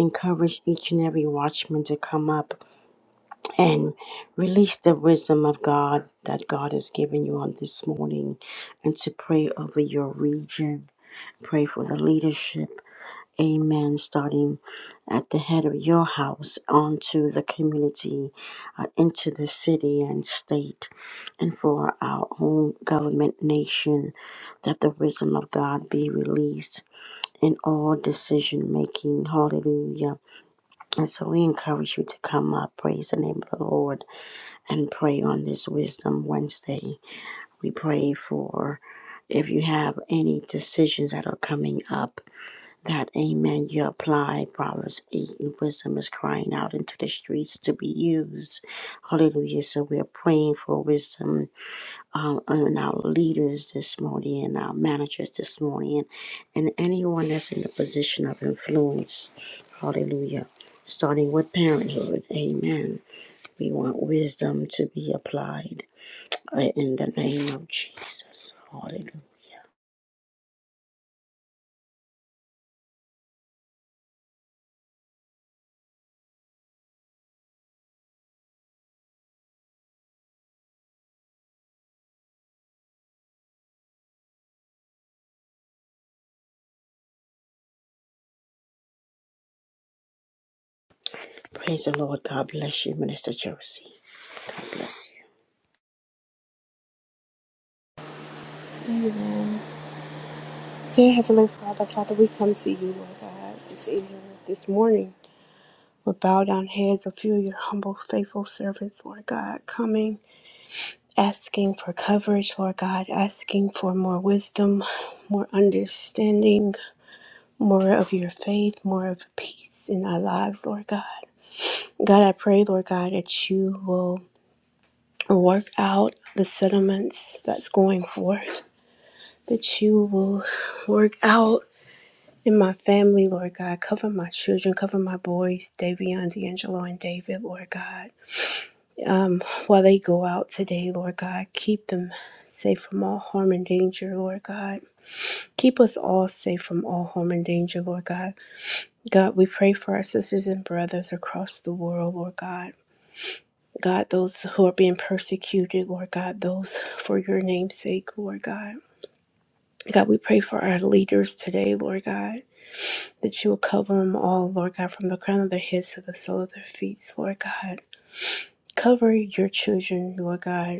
S1: recovery watchmen to come up and release the wisdom of God that God has given you on this morning and to pray over your region. Pray for the leadership. Amen. Starting at the head of your house onto the community, uh, into the city and state, and for our own government nation, that the wisdom of God be released in all decision making. Hallelujah. And so we encourage you to come up, praise the name of the Lord, and pray on this Wisdom Wednesday. We pray for if you have any decisions that are coming up that amen you apply proverbs 8 and wisdom is crying out into the streets to be used hallelujah so we are praying for wisdom um, on our leaders this morning and our managers this morning and anyone that's in a position of influence hallelujah starting with parenthood amen we want wisdom to be applied uh, in the name of jesus hallelujah praise the lord god bless you minister josie God bless you
S4: Dear Heavenly Father, Father, we come to you, Lord God, this evening, this morning, with bowed down heads a few of your humble, faithful servants, Lord God, coming, asking for coverage, Lord God, asking for more wisdom, more understanding, more of your faith, more of peace in our lives, Lord God. God, I pray, Lord God, that you will work out the settlements that's going forth, that you will work out In my family, Lord God, cover my children, cover my boys, Davion, D'Angelo, and David, Lord God. Um, while they go out today, Lord God, keep them safe from all harm and danger, Lord God. Keep us all safe from all harm and danger, Lord God. God, we pray for our sisters and brothers across the world, Lord God. God, those who are being persecuted, Lord God, those for your name's sake, Lord God. God, we pray for our leaders today, Lord God. that you will cover them all, Lord God, from the crown of their heads to the sole of their feet, Lord God. Cover your children, Lord God.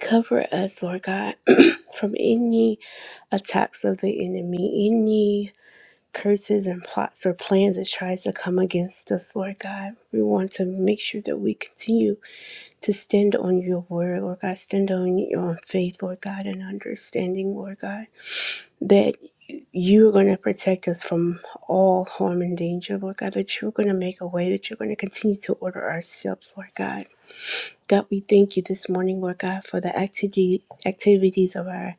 S4: Cover us, Lord God, *clears throat* from any attacks of the enemy, any curses and plots or plans that tries to come against us, Lord God. We want to make sure that we continue to stand on your word, Lord God. Stand on your own faith, Lord God, and understanding, Lord God. that you are going to protect us from all harm and danger, Lord God, that you're going to make a way, that you're going to continue to order our steps, Lord God. God, we thank you this morning, Lord God, for the activity, activities of our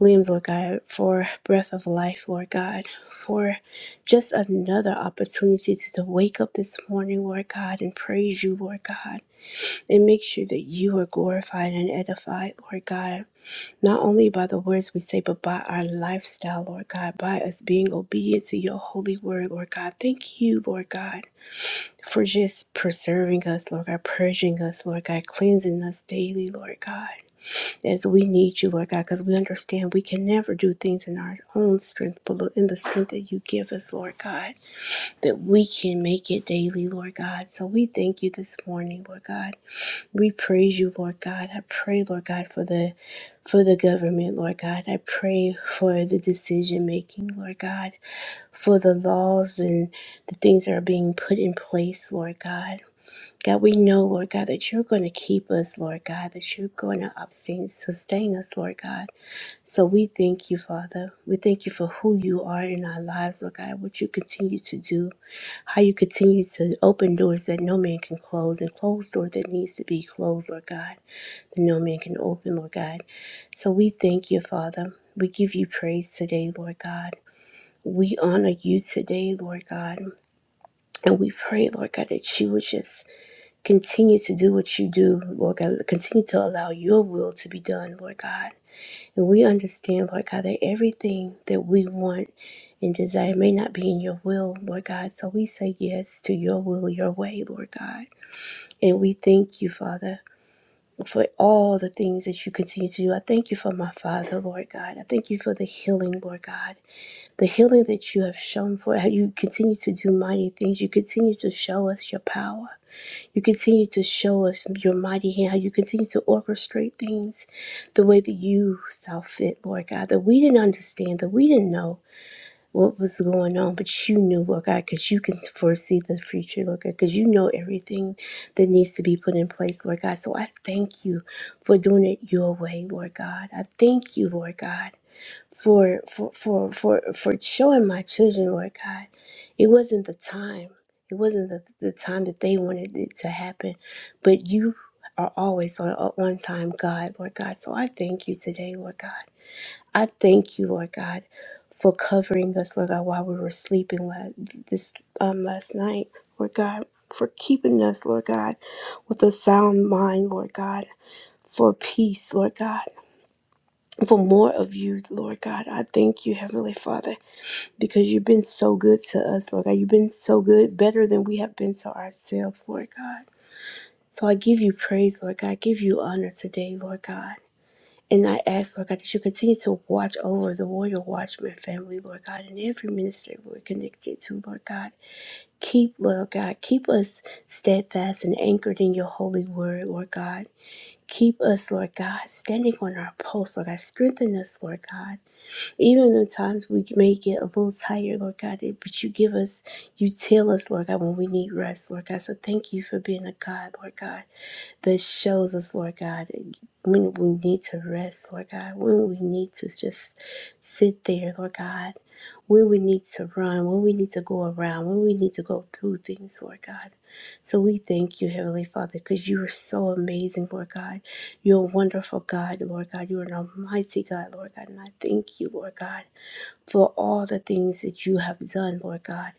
S4: limbs, Lord God, for breath of life, Lord God, for just another opportunity to, to wake up this morning, Lord God, and praise you, Lord God, and make sure that you are glorified and edified, Lord God not only by the words we say, but by our lifestyle, Lord God, by us being obedient to your holy word, Lord God. Thank you, Lord God, for just preserving us, Lord God, purging us, Lord God, cleansing us daily, Lord God, as we need you, Lord God, because we understand we can never do things in our own strength, but Lord, in the strength that you give us, Lord God, that we can make it daily, Lord God. So we thank you this morning, Lord God. We praise you, Lord God. I pray, Lord God, for the for the government, Lord God. I pray for the decision making, Lord God, for the laws and the things that are being put in place, Lord God. God, we know, Lord God, that you're going to keep us, Lord God, that you're going to sustain, sustain us, Lord God. So we thank you, Father. We thank you for who you are in our lives, Lord God, what you continue to do, how you continue to open doors that no man can close and close door that needs to be closed, Lord God that no man can open, Lord God. So we thank you, Father. We give you praise today, Lord God. We honor you today, Lord God. And we pray, Lord God, that you would just continue to do what you do, Lord God. Continue to allow your will to be done, Lord God. And we understand, Lord God, that everything that we want and desire may not be in your will, Lord God. So we say yes to your will, your way, Lord God. And we thank you, Father for all the things that you continue to do. I thank you for my father, Lord God. I thank you for the healing, Lord God. The healing that you have shown for how you continue to do mighty things. You continue to show us your power. You continue to show us your mighty hand, how you continue to orchestrate things the way that you saw fit, Lord God, that we didn't understand, that we didn't know what was going on, but you knew, Lord God, because you can foresee the future, Lord God, because you know everything that needs to be put in place, Lord God. So I thank you for doing it your way, Lord God. I thank you, Lord God, for for for for, for showing my children, Lord God. It wasn't the time. It wasn't the, the time that they wanted it to happen, but you are always on, on time, God, Lord God. So I thank you today, Lord God. I thank you, Lord God, for covering us, Lord God, while we were sleeping last, this um, last night, Lord God, for keeping us, Lord God, with a sound mind, Lord God, for peace, Lord God, for more of you, Lord God. I thank you, Heavenly Father, because you've been so good to us, Lord God. You've been so good, better than we have been to ourselves, Lord God. So I give you praise, Lord God. I give you honor today, Lord God. And I ask, Lord God, that you continue to watch over the warrior watchman family, Lord God, and every ministry we're connected to, Lord God. Keep, Lord God, keep us steadfast and anchored in your holy word, Lord God. Keep us, Lord God, standing on our post, Lord God. Strengthen us, Lord God. Even in times we may get a little tired, Lord God, but you give us, you tell us, Lord God, when we need rest, Lord God. So thank you for being a God, Lord God this shows us, Lord God, when we need to rest, Lord God, when we need to just sit there, Lord God, when we need to run, when we need to go around, when we need to go through things, Lord God. So we thank you, Heavenly Father, because you are so amazing, Lord God. You're a wonderful God, Lord God. You are an almighty God, Lord God. And I thank you, Lord God, for all the things that you have done, Lord God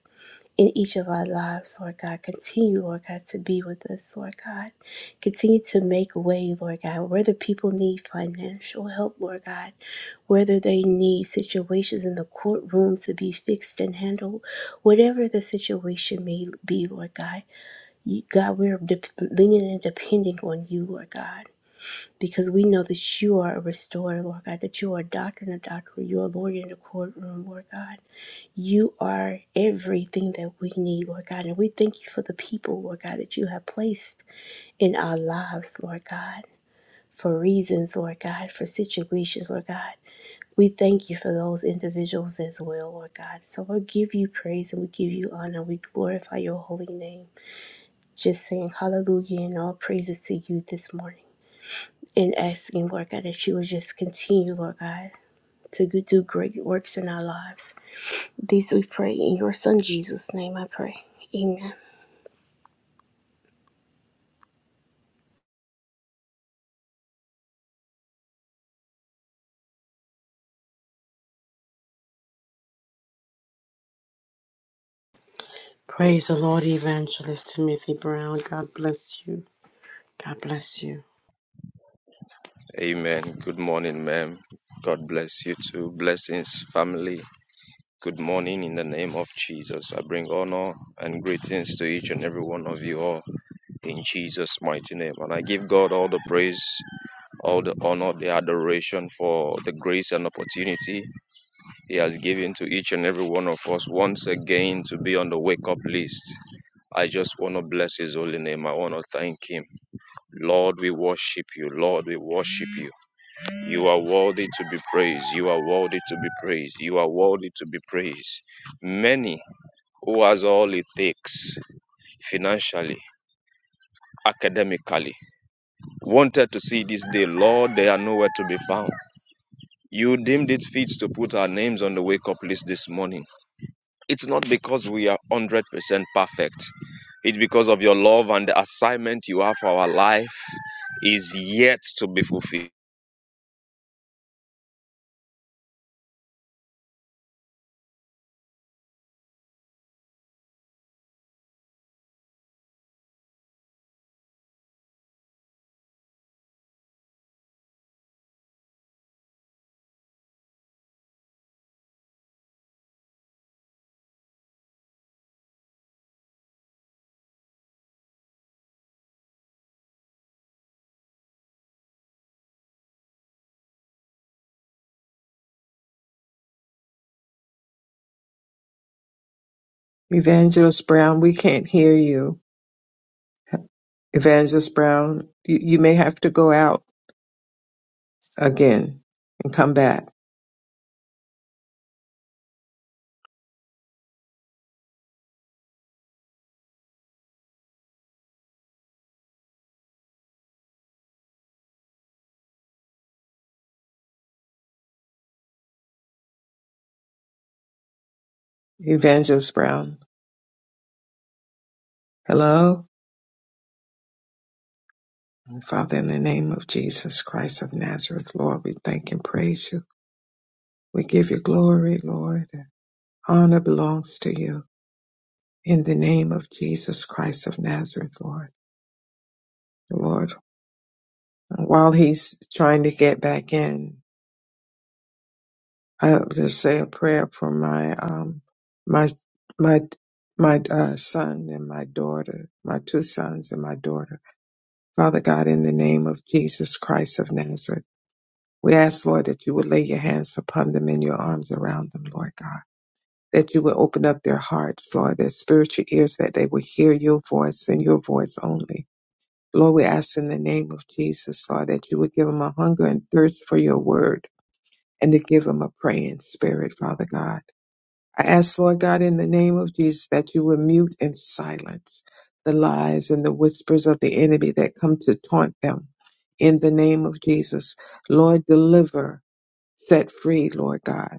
S4: in each of our lives, Lord God. Continue, Lord God, to be with us, Lord God. Continue to make way, Lord God, where the people need financial help, Lord God, whether they need situations in the courtroom to be fixed and handled, whatever the situation may be, Lord God. You, God, we're de- leaning and depending on you, Lord God. Because we know that you are a restorer, Lord God, that you are a doctor and a doctor, you are a lawyer in the courtroom, Lord God. You are everything that we need, Lord God. And we thank you for the people, Lord God, that you have placed in our lives, Lord God, for reasons, Lord God, for situations, Lord God. We thank you for those individuals as well, Lord God. So we give you praise and we give you honor. We glorify your holy name. Just saying hallelujah and all praises to you this morning and asking, Lord God, that you would just continue, Lord God to do great works in our lives. This we pray in your Son Jesus' name I pray. Amen.
S1: Praise the Lord, Evangelist Timothy Brown. God bless you. God bless you.
S5: Amen. Good morning, ma'am. God bless you too. Blessings, family. Good morning in the name of Jesus. I bring honor and greetings to each and every one of you all in Jesus' mighty name. And I give God all the praise, all the honor, the adoration for the grace and opportunity He has given to each and every one of us once again to be on the wake up list. I just want to bless His holy name. I want to thank Him. Lord, we worship you. Lord, we worship you. You are worthy to be praised. You are worthy to be praised. You are worthy to be praised. Many who has all it takes financially, academically, wanted to see this day. Lord, they are nowhere to be found. You deemed it fit to put our names on the wake up list this morning. It's not because we are 100% perfect. It's because of your love and the assignment you have for our life is yet to be fulfilled.
S3: Evangelist Brown, we can't hear you. Evangelist Brown, you, you may have to go out again and come back. Evangelist Brown, hello. Father, in the name of Jesus Christ of Nazareth, Lord, we thank and praise you. We give you glory, Lord. Honor belongs to you. in the name of Jesus Christ of Nazareth, Lord. Lord, while he's trying to get back in, I'll just say a prayer for my um my my my uh, son and my daughter, my two sons and my daughter. Father God, in the name of Jesus Christ of Nazareth, we ask, Lord, that you would lay your hands upon them and your arms around them, Lord God. That you would open up their hearts, Lord, their spiritual ears, that they would hear your voice and your voice only Lord, we ask in the name of Jesus, Lord, that you would give them a hunger and thirst for your word and to give them a praying spirit, Father God. I ask, Lord God, in the name of Jesus, that you would mute and silence the lies and the whispers of the enemy that come to taunt them. In the name of Jesus, Lord, deliver, set free, Lord God.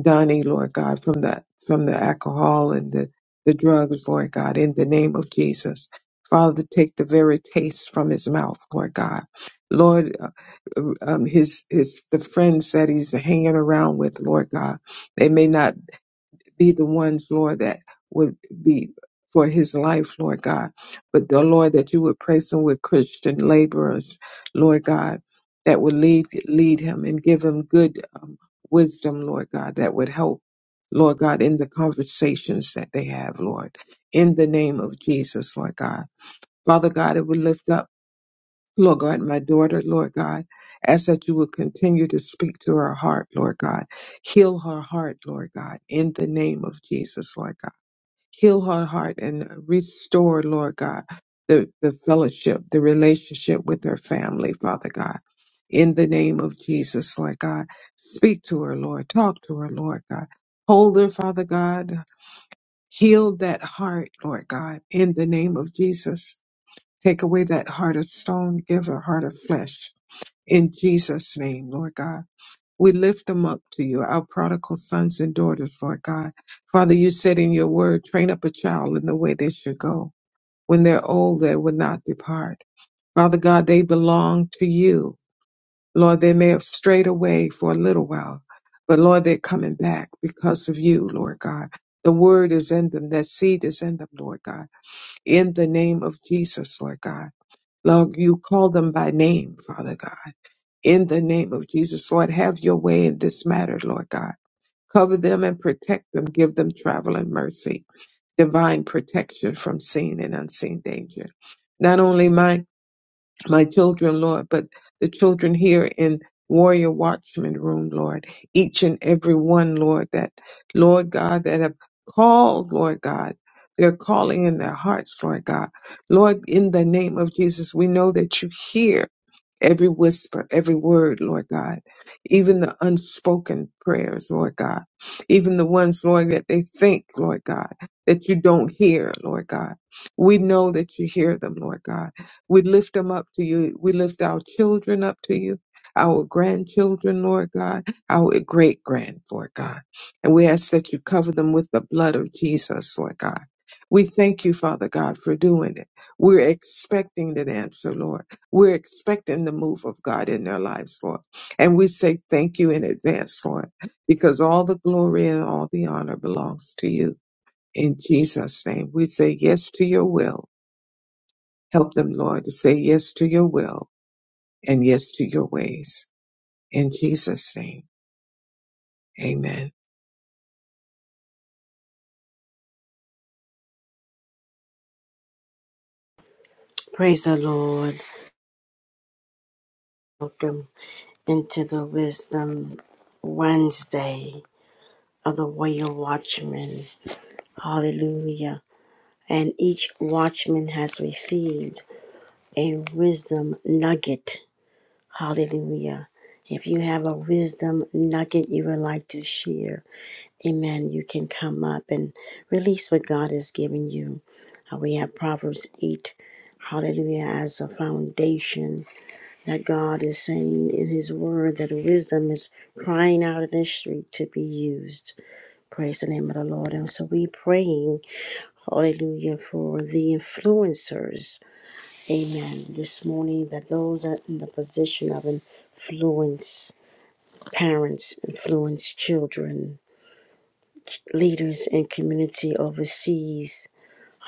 S3: Donnie, Lord God, from the from the alcohol and the, the drugs, Lord God, in the name of Jesus. Father, take the very taste from his mouth, Lord God. Lord, uh, um, his his the friends that he's hanging around with, Lord God, they may not be the ones, Lord, that would be for his life, Lord God. But the Lord, that you would place him with Christian laborers, Lord God, that would lead lead him and give him good um, wisdom, Lord God, that would help, Lord God, in the conversations that they have, Lord. In the name of Jesus, Lord God. Father God, it would lift up. Lord God, my daughter, Lord God, ask that you would continue to speak to her heart, Lord God. Heal her heart, Lord God, in the name of Jesus, Lord God. Heal her heart and restore, Lord God, the, the fellowship, the relationship with her family, Father God. In the name of Jesus, Lord God. Speak to her, Lord. Talk to her, Lord God. Hold her, Father God. Heal that heart, Lord God, in the name of Jesus. Take away that heart of stone, give her heart of flesh in Jesus' name, Lord God, we lift them up to you, our prodigal sons and daughters, Lord God. Father, you said in your word, train up a child in the way they should go. When they're old, they will not depart. Father God, they belong to you. Lord, they may have strayed away for a little while, but Lord, they're coming back because of you, Lord God. The word is in them, that seed is in them, Lord God. In the name of Jesus, Lord God. Lord, you call them by name, Father God in the name of Jesus. Lord, have your way in this matter, Lord God. Cover them and protect them. Give them travel and mercy, divine protection from seen and unseen danger. Not only mine my children, Lord, but the children here in Warrior Watchman Room, Lord, each and every one, Lord, that, Lord God, that have called, Lord God, they're calling in their hearts, Lord God. Lord, in the name of Jesus, we know that you hear every whisper, every word, Lord God, even the unspoken prayers, Lord God, even the ones, Lord, that they think, Lord God, that you don't hear, Lord God. We know that you hear them, Lord God. We lift them up to you. We lift our children up to you, our grandchildren, Lord God, our great grand, Lord God. And we ask that you cover them with the blood of Jesus, Lord God. We thank you, Father God, for doing it. We're expecting an answer, Lord. We're expecting the move of God in their lives, Lord. And we say thank you in advance, Lord, because all the glory and all the honor belongs to you. In Jesus' name, we say yes to your will Help them, Lord, to say yes to your will and yes to your ways. In Jesus' name, amen.
S1: Praise the Lord. Welcome into the Wisdom Wednesday of the Royal Watchman. Hallelujah. And each watchman has received a wisdom nugget. Hallelujah. If you have a wisdom nugget you would like to share, Amen. You can come up and release what God has given you. Uh, we have Proverbs 8, hallelujah, as a foundation that God is saying in His Word that wisdom is crying out in the street to be used. Praise the name of the Lord. And so we praying, hallelujah, for the influencers. Amen. This morning, that those are in the position of influence, parents influence children leaders and community overseas.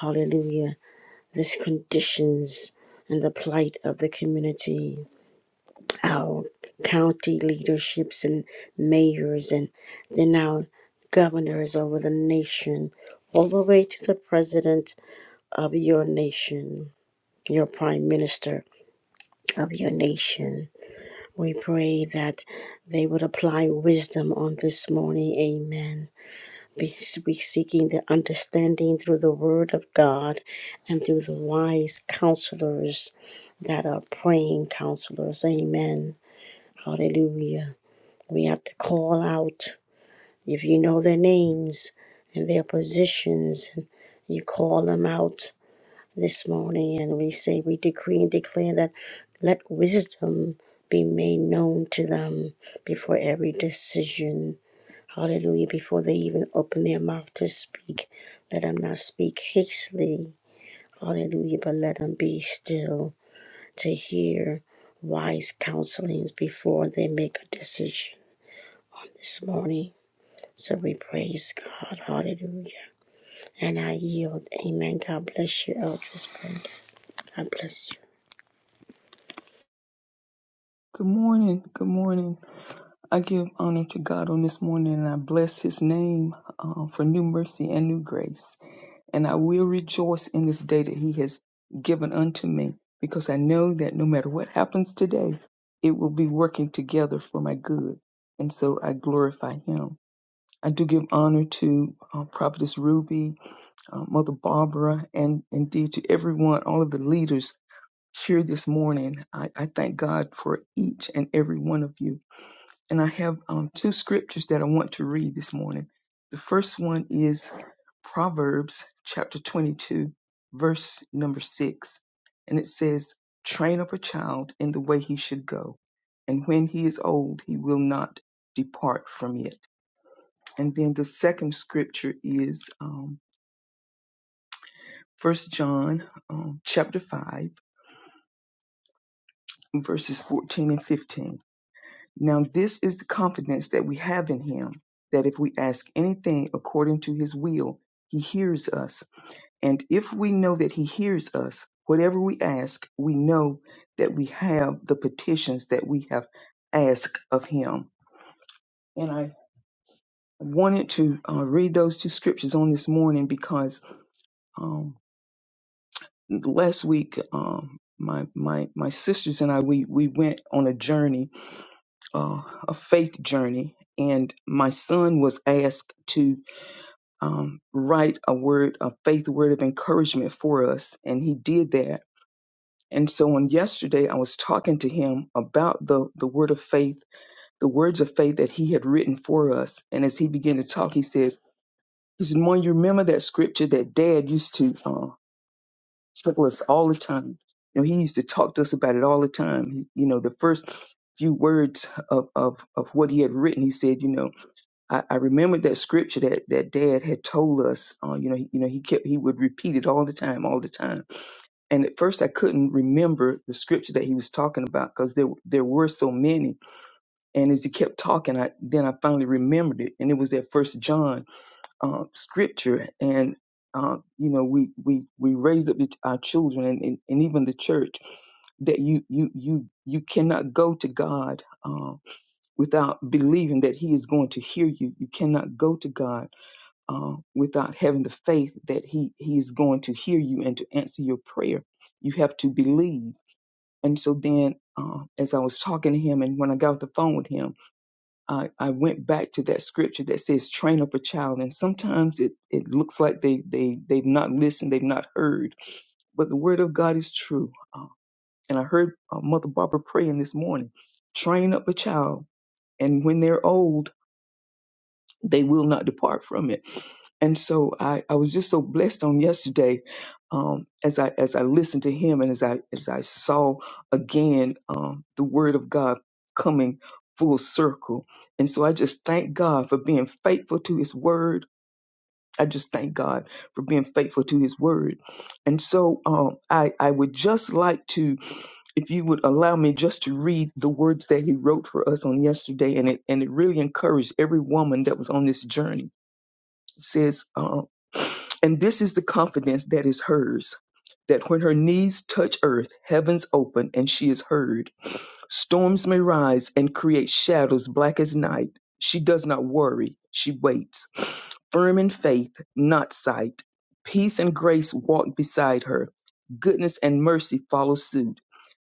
S1: Hallelujah. This conditions and the plight of the community, our county leaderships and mayors, and then our governors over the nation, all the way to the president of your nation, your prime minister of your nation. We pray that they would apply wisdom on this morning. Amen. be be seeking the understanding through the word of God and through the wise counselors that are praying counselors. Amen. Hallelujah. We have to call out if you know their names and their positions, you call them out this morning and we say we decree and declare that let wisdom be made known to them before every decision Hallelujah. Before they even open their mouth to speak, let them not speak hastily. Hallelujah. But let them be still to hear wise counselings before they make a decision this morning. So we praise God. Hallelujah. And I yield. Amen. God bless you, Eldris Brenda. God bless you.
S6: Good morning. Good morning. I give honor to God on this morning and I bless his name uh, for new mercy and new grace. And I will rejoice in this day that he has given unto me because I know that no matter what happens today, it will be working together for my good. And so I glorify him. I do give honor to uh, Prophetess Ruby, uh, Mother Barbara, and indeed to everyone, all of the leaders here this morning. I, I thank God for each and every one of you and I have um, two scriptures that I want to read this morning. The first one is Proverbs chapter 22, verse number 6. And it says, Train up a child in the way he should go, and when he is old, he will not depart from it. And then the second scripture is um, 1 John um, chapter 5, verses 14 and 15 Now, this is the confidence that we have in him that if we ask anything according to his will, he hears us. And if we know that he hears us, whatever we ask, we know that we have the petitions that we have asked of him. And I wanted to uh, read those two scriptures on this morning because um, last week, um, my, my my sisters and I we we went on a journey uh, a faith journey, and my son was asked to um, write a word, a faith word of encouragement for us, and he did that. And so on yesterday, I was talking to him about the the word of faith, the words of faith that he had written for us. And as he began to talk, he said, "He said, Mom, you remember that scripture that Dad used to uh, tell us all the time? You know, he used to talk to us about it all the time. He, you know, the first few words of, of of what he had written, he said, you know." I, I remembered that scripture that, that Dad had told us. Uh, you know, he, you know, he kept he would repeat it all the time, all the time. And at first, I couldn't remember the scripture that he was talking about because there there were so many. And as he kept talking, I then I finally remembered it, and it was that First John uh, scripture. And uh, you know, we we we raised up the, our children and, and, and even the church that you you you you cannot go to God uh, without believing that He is going to hear you. You cannot go to God uh, without having the faith that he he is going to hear you and to answer your prayer. You have to believe. And so then, uh, as I was talking to him, and when I got off the phone with him, I, I went back to that scripture that says, "Train up a child." And sometimes it it looks like they they they've not listened, they've not heard, but the word of God is true. Uh, and I heard uh, Mother Barbara praying this morning, "Train up a child." And when they're old, they will not depart from it. And so I, I was just so blessed on yesterday um, as I as I listened to him and as I as I saw again um, the word of God coming full circle. And so I just thank God for being faithful to his word I just thank God for being faithful to His word. And so um, I, I would just like to, if you would allow me, just to read the words that He wrote for us on yesterday, and it and it really encouraged every woman that was on this journey. It says, um, and this is the confidence that is hers, that when her knees touch earth, heavens open and she is heard. Storms may rise and create shadows black as night. She does not worry, she waits. Firm in faith, not sight. Peace and grace walk beside her. Goodness and mercy follow suit.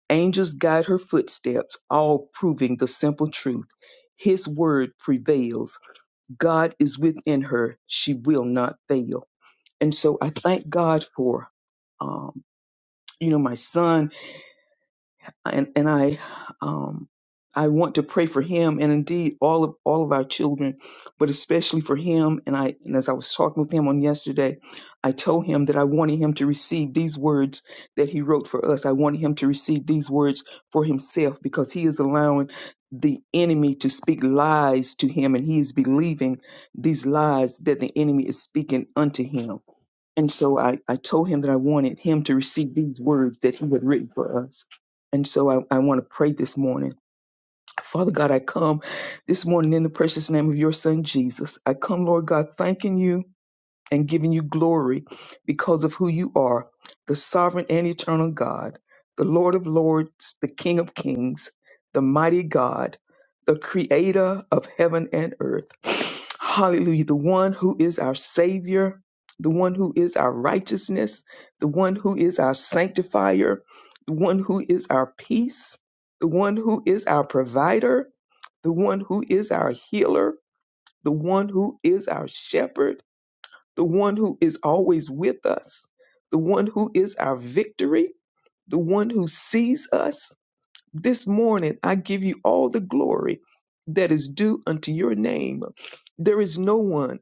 S6: Angels guide her footsteps, all proving the simple truth. His word prevails. God is within her. She will not fail. And so I thank God for, um, you know, my son and and I um I want to pray for him and indeed all of all of our children, but especially for him. And I and as I was talking with him on yesterday, I told him that I wanted him to receive these words that he wrote for us. I wanted him to receive these words for himself because he is allowing the enemy to speak lies to him and he is believing these lies that the enemy is speaking unto him and so I, I told him that I wanted him to receive these words that he had written for us. And so I, I want to pray this morning. Father God, I come this morning in the precious name of your son, Jesus. I come, Lord God, thanking you and giving you glory because of who you are, the sovereign and eternal God, the Lord of lords, the King of kings, the mighty God, the creator of heaven and earth. Hallelujah. The one who is our Savior, the one who is our righteousness, the one who is our sanctifier, the one who is our peace, the one who is our provider, the one who is our healer, the one who is our shepherd the one who is always with us, the one who is our victory, the one who sees us. This morning, I give you all the glory that is due unto your name. There is no one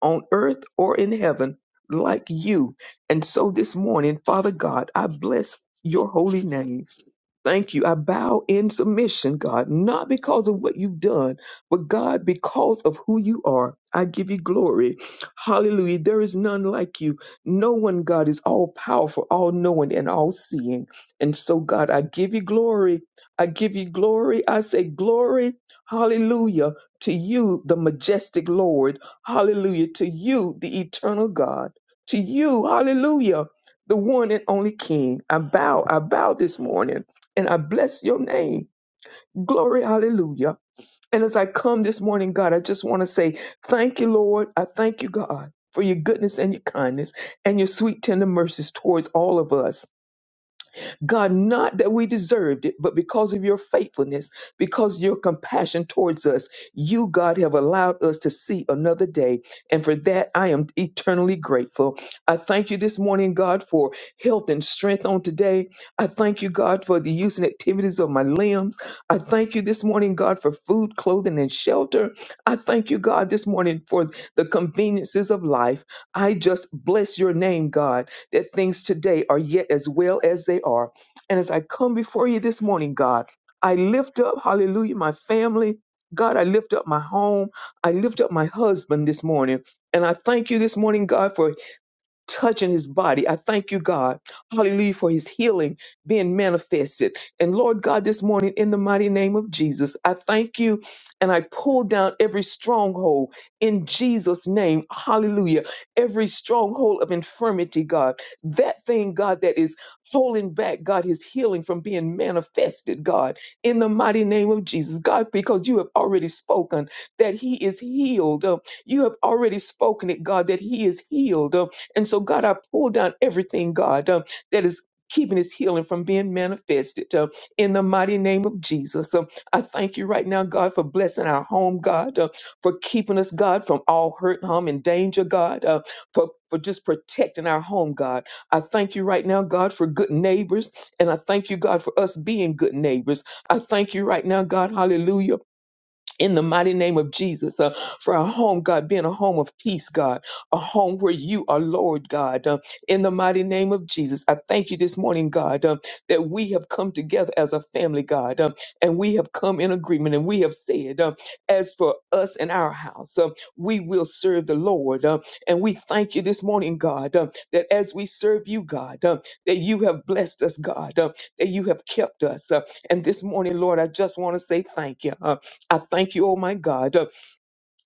S6: on earth or in heaven like you. And so this morning, Father God, I bless your holy name. Thank you. I bow in submission, God, not because of what you've done, but God, because of who you are. I give you glory. Hallelujah. There is none like you. No one, God, is all powerful, all knowing, and all seeing. And so, God, I give you glory. I give you glory. I say glory. Hallelujah to you, the majestic Lord. Hallelujah. To you, the eternal God. To you, hallelujah, the one and only King. I bow, I bow this morning and I bless your name. Glory, hallelujah. And as I come this morning, God, I just want to say thank you, Lord. I thank you, God, for your goodness and your kindness and your sweet, tender mercies towards all of us. God, not that we deserved it, but because of your faithfulness, because your compassion towards us, you, God, have allowed us to see another day. And for that, I am eternally grateful. I thank you this morning, God, for health and strength on today. I thank you, God, for the use and activities of my limbs. I thank you this morning, God, for food, clothing, and shelter. I thank you, God, this morning for the conveniences of life. I just bless your name, God, that things today are yet as well as they are. And as I come before you this morning, God, I lift up, hallelujah, my family. God, I lift up my home. I lift up my husband this morning. And I thank you this morning, God, for touching his body. I thank you, God, hallelujah, for his healing being manifested. And Lord God, this morning, in the mighty name of Jesus, I thank you and I pull down every stronghold in Jesus' name, hallelujah, every stronghold of infirmity, God, that thing, God, that is holding back, God, his healing from being manifested, God, in the mighty name of Jesus, God, because you have already spoken that he is healed. Uh, You have already spoken it, God, that he is healed. Uh, and so, God, I pull down everything, God, um, that is keeping his healing from being manifested uh, in the mighty name of Jesus. Um, I thank you right now, God, for blessing our home, God, uh, for keeping us, God, from all hurt, harm, and danger, God, uh, for, for just protecting our home, God. I thank you right now, God, for good neighbors. And I thank you, God, for us being good neighbors. I thank you right now, God, hallelujah in the mighty name of Jesus, uh, for our home, God, being a home of peace, God, a home where you are Lord, God, uh, in the mighty name of Jesus. I thank you this morning, God, uh, that we have come together as a family, God, uh, and we have come in agreement and we have said, uh, as for us and our house, uh, we will serve the Lord. Uh, and we thank you this morning, God, uh, that as we serve you, God, uh, that you have blessed us, God, uh, that you have kept us. Uh, and this morning, Lord, I just want to say thank you. uh, I thank you, oh my God, uh,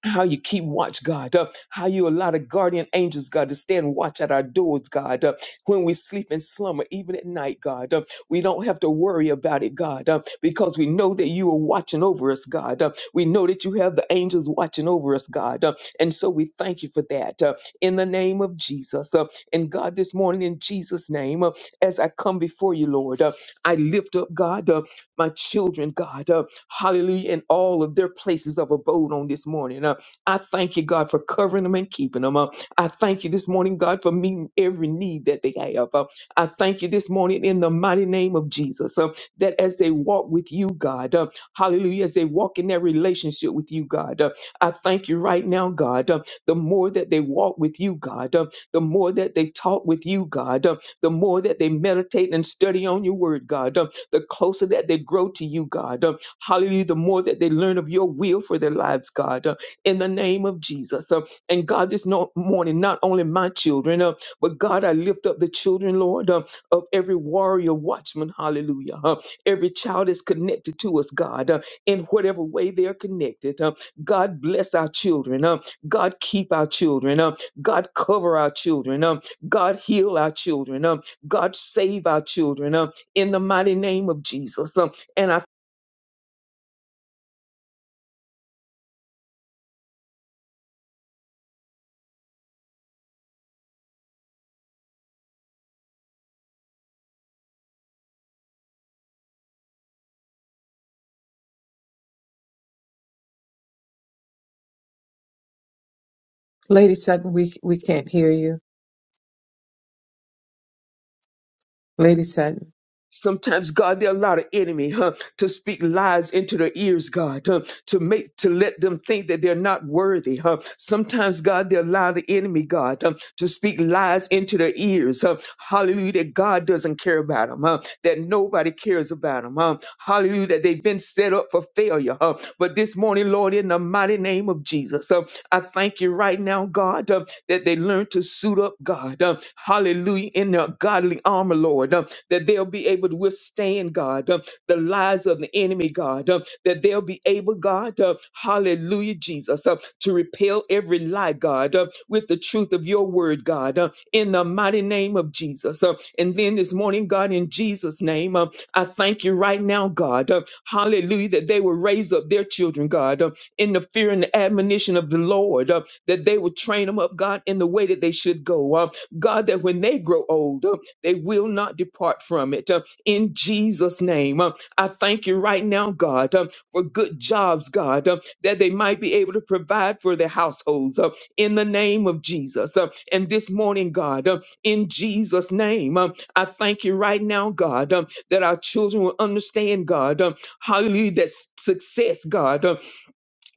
S6: how you keep watch, God, uh, how you allow the guardian angels, God, to stand watch at our doors, God, uh, when we sleep in slumber, even at night, God. Uh, we don't have to worry about it, God, uh, because we know that you are watching over us, God. Uh, we know that you have the angels watching over us, God. Uh, and so we thank you for that uh, in the name of Jesus. Uh, and God, this morning, in Jesus' name, uh, as I come before you, Lord, uh, I lift up, God. Uh, my children, God. Uh, hallelujah. In all of their places of abode on this morning. Uh, I thank you, God, for covering them and keeping them. Uh, I thank you this morning, God, for meeting every need that they have. Uh, I thank you this morning in the mighty name of Jesus uh, that as they walk with you, God, uh, hallelujah, as they walk in their relationship with you, God, uh, I thank you right now, God, uh, the more that they walk with you, God, uh, the more that they talk with you, God. uh, the more that they meditate and study on your word, God, um, the closer that they grow to you, God. Um, hallelujah. The more that they learn of your will for their lives, God, uh, in the name of Jesus. Um, and God, this no- morning, not only my children, uh, but God, I lift up the children, Lord, um, of every warrior watchman, hallelujah. Uh, every child is connected to us, God, uh, in whatever way they are connected. Uh, God, bless our children. Uh, God, keep our children. Uh, God, cover our children. Um, God, heal our children. Um, God, save our children. Um, in the mighty name of Jesus. Um, and I
S3: Lady Sutton, we, we can't hear you. Lady Sutton.
S6: sometimes, God, there are a lot of enemy huh, to speak lies into their ears, God, huh, to make to let them think that they're not worthy. Huh. Sometimes, God, there are a lot of enemy, God, um, to speak lies into their ears. Huh. Hallelujah, that God doesn't care about them. Huh. That nobody cares about them. Huh. Hallelujah, that they've been set up for failure. Huh. But this morning, Lord, in the mighty name of Jesus. huh, I thank you right now, God, uh, that they learn to suit up, God. uh, hallelujah, in their godly armor, Lord, uh, that they'll be able to withstand, God, uh, the lies of the enemy, God, uh, that they'll be able, God, uh, hallelujah, Jesus, uh, to repel every lie, God, uh, with the truth of your word, God, uh, in the mighty name of Jesus. Uh, and then this morning, God, in Jesus' name, uh, I thank you right now, God, uh, hallelujah, that they will raise up their children, God, uh, in the fear and the admonition of the Lord, uh, that they would train them up, God, in the way that they should go. Uh, God, that when they grow old, uh, they will not depart from it. Uh, in Jesus' name, uh, I thank you right now, God, uh, for good jobs, God, uh, that they might be able to provide for their households uh, in the name of Jesus. Uh, and this morning, God, uh, in Jesus' name, uh, I thank you right now, God, uh, that our children will understand, God, uh, hallelujah, that s- success, God. uh,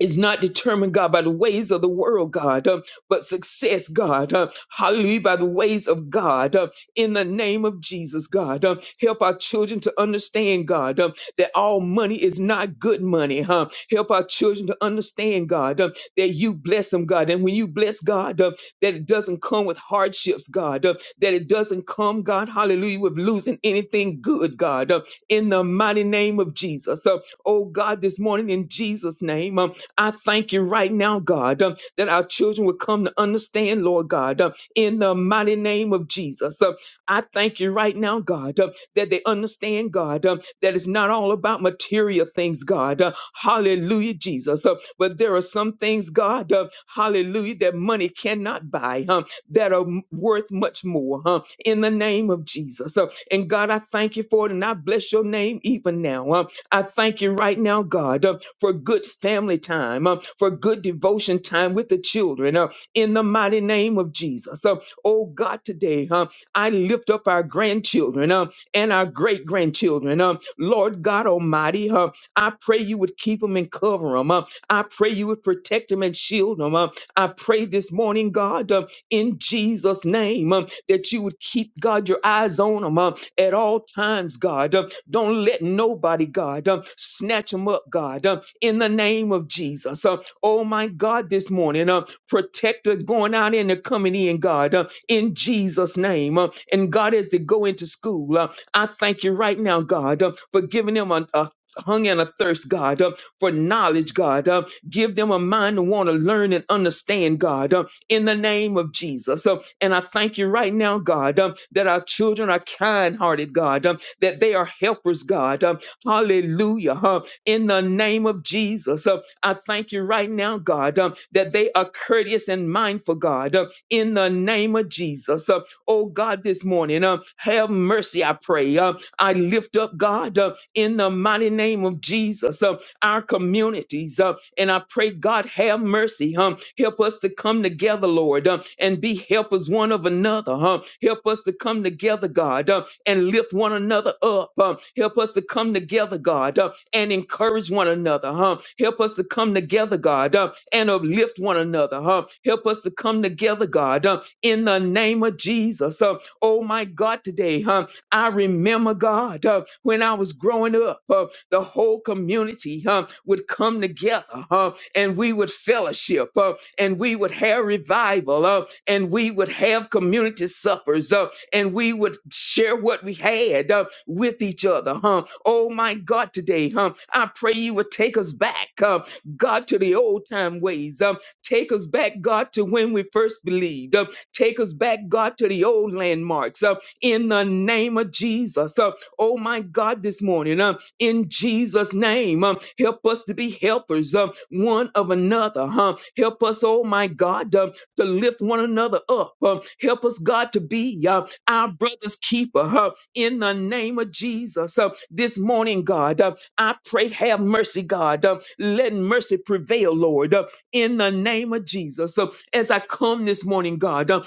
S6: is not determined, God, by the ways of the world, God, uh, but success, God, uh, hallelujah, by the ways of God, uh, in the name of Jesus, God. Uh, help our children to understand, God, uh, that all money is not good money, huh? Help our children to understand, God, uh, that you bless them, God, and when you bless God, uh, that it doesn't come with hardships, God, uh, that it doesn't come, God, hallelujah, with losing anything good, God, uh, in the mighty name of Jesus. Uh, oh, God, this morning in Jesus' name, um, I thank you right now, God, um, that our children will come to understand, Lord God, um, in the mighty name of Jesus. Um, I thank you right now, God, um, that they understand, God, um, that it's not all about material things, God. Uh, hallelujah, Jesus. Uh, but there are some things, God, uh, hallelujah, that money cannot buy, um, that are m- worth much more, huh? in the name of Jesus. Uh, and God, I thank you for it, and I bless your name even now. Um, I thank you right now, God, uh, for good family time, uh, for good devotion time with the children, uh, in the mighty name of Jesus. Uh, oh God, today uh, I lift up our grandchildren uh, and our great grandchildren. Uh, Lord God Almighty, uh, I pray you would keep them and cover them. Uh, I pray you would protect them and shield them. Uh, I pray this morning, God. uh, in Jesus' name um, that you would keep, God, your eyes on them um, at all times, God. Um, Don't let nobody, God, um, snatch them up, God, um, in the name of Jesus. Um, Oh, my God, this morning, um, protect her going out and they coming in, God, um, in Jesus' name. Um, And God, as they go into school, um, I thank you right now, God, um, for giving them a, a hunger and a thirst, God, um, for knowledge, God. um, Give them a mind to want to learn and understand, God. um, in the name of Jesus. Um, and I thank you right now, God, um, that our children are kind hearted, God, um, that they are helpers, God. Um, hallelujah. huh, in the name of Jesus. Um, I thank you right now, God, um, that they are courteous and mindful, God, um, in the name of Jesus. Um, oh, God, this morning, um, have mercy, I pray. Um, I lift up, God, um, in the mighty name of Jesus. Um, our communities. Uh, and I pray, God, have mercy. Um, help us to come together, Lord, um, and be helpers one of another. Um, help us to come together, God, um, and lift one another up. Um, help us to come together, God, um, and encourage one another. Um, help us to come together, God, um, and uplift one another. Um, help us to come together, God, um, in the name of Jesus. Um, oh, my God, today. huh? I remember, God, uh, when I was growing up, uh, the whole community uh, would come together uh, and we would fellowship uh, and we would have revival uh, and we would have community suppers uh, and we would share what we had uh, with each other. Huh? Oh, my God, today, huh? I pray you would take us back, uh, God, to the old time ways. Um, take us back, God, to when we first believed. Um, take us back, God, to the old landmarks. Um, in the name of Jesus. Uh, oh my God, this morning, uh, in Jesus' name, um, help us to be helpers uh, one of another. Huh? Help us, oh my God, uh, to lift one another up. Uh, help us, God, to be uh, our brother's keeper huh? in the name of Jesus. Uh, this morning, God, uh, I pray, have mercy, God. Uh, let mercy prevail, Lord, uh, in the name of Jesus. Uh, as I come this morning, God. uh,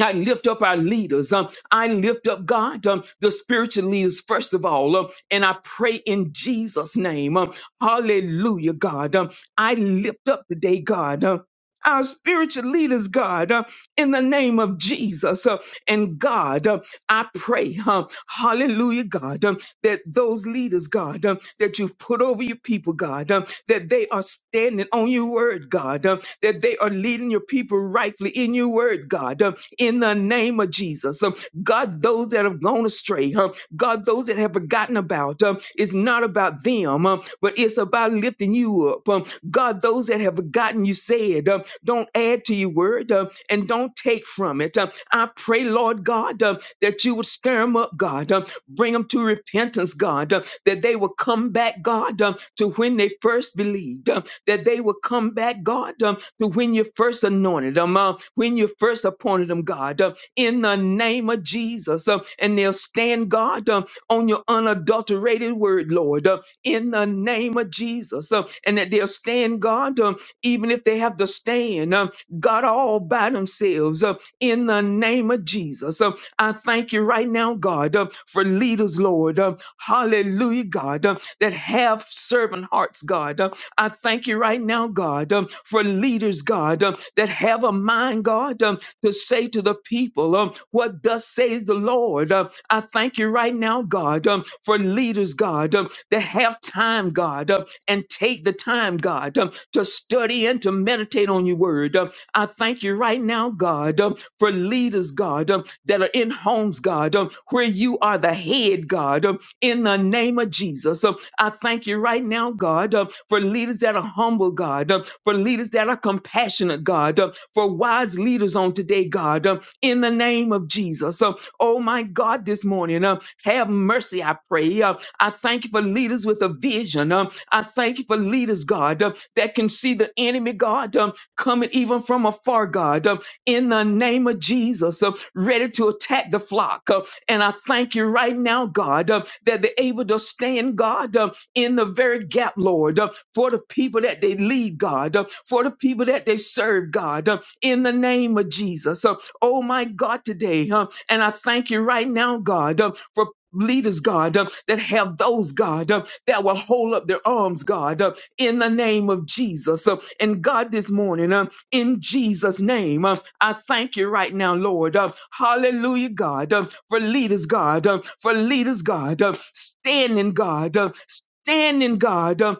S6: I lift up our leaders. Um, I lift up God, um, the spiritual leaders, first of all. Um, and I pray in Jesus' name. Um, hallelujah, God. Um, I lift up today, God. Um, our spiritual leaders, God, um, in the name of Jesus. Uh, and God, um, I pray, um, hallelujah, God. um, that those leaders, God, um, that you've put over your people, God, um, that they are standing on your word, God, um, that they are leading your people rightfully in your word, God, um, in the name of Jesus. Um, God, those that have gone astray, um, God, those that have forgotten about, um, it's not about them um, um, but it's about lifting you up. Um, God, those that have forgotten you said, um, don't add to your word um, and don't take from it. Um, I pray, Lord God, um, that you would stir them up, God, um, bring them to repentance, God, um, that they will come back, God, um, to when they first believed, um, that they will come back, God, um, to when you first anointed them, uh, when you first appointed them, God, um, in the name of Jesus. um, and they'll stand, God, um, on your unadulterated word, Lord. um, in the name of Jesus. Uh, and that they'll stand God, um, even if they have to stand um, God all by themselves uh, in the name of Jesus. Uh, I thank you right now, God, uh, for leaders, Lord. Uh, hallelujah, God, uh, that have servant hearts, God. Uh, I thank you right now, God, um, for leaders, God, um, that have a mind, God, um, to say to the people, um, What thus says the Lord? Uh, I thank you right now, God, um, for leaders, God, um, that have time, God, um, and take the time, God, um, to study and to meditate on your word. Um, I thank you right now, God, um, for leaders, God, um, that are in homes, God, um, where you are the head, God, um, in the name of Jesus. Um, I thank you right now, God, uh, for leaders that are humble, God, uh, for leaders that are compassionate, God, uh, for wise leaders on today, God, uh, in the name of Jesus. Uh, oh, my God, this morning, uh, have mercy, I pray. Uh, I thank you for leaders with a vision. Um, I thank you for leaders, God, um, that can see the enemy, God, um, coming even from afar, God, um, in the name of Jesus, um, ready to attack the flock. uh, and I thank you right now, God, uh, that they're able to stand, God, uh, in the very gap, Lord, uh, for the people that they lead, God, uh, for the people that they serve, God, uh, in the name of Jesus. Uh, oh, my God, today. Uh, and I thank you right now, God, uh, for leaders, God, uh, that have those, God, uh, that will hold up their arms, God, uh, in the name of Jesus. Uh, And God, this morning, uh, in Jesus' name, uh, I thank you right now, Lord. Uh, Hallelujah, God, uh, for leaders, God, uh, for leaders, God, uh, standing, God, uh, standing, God, uh,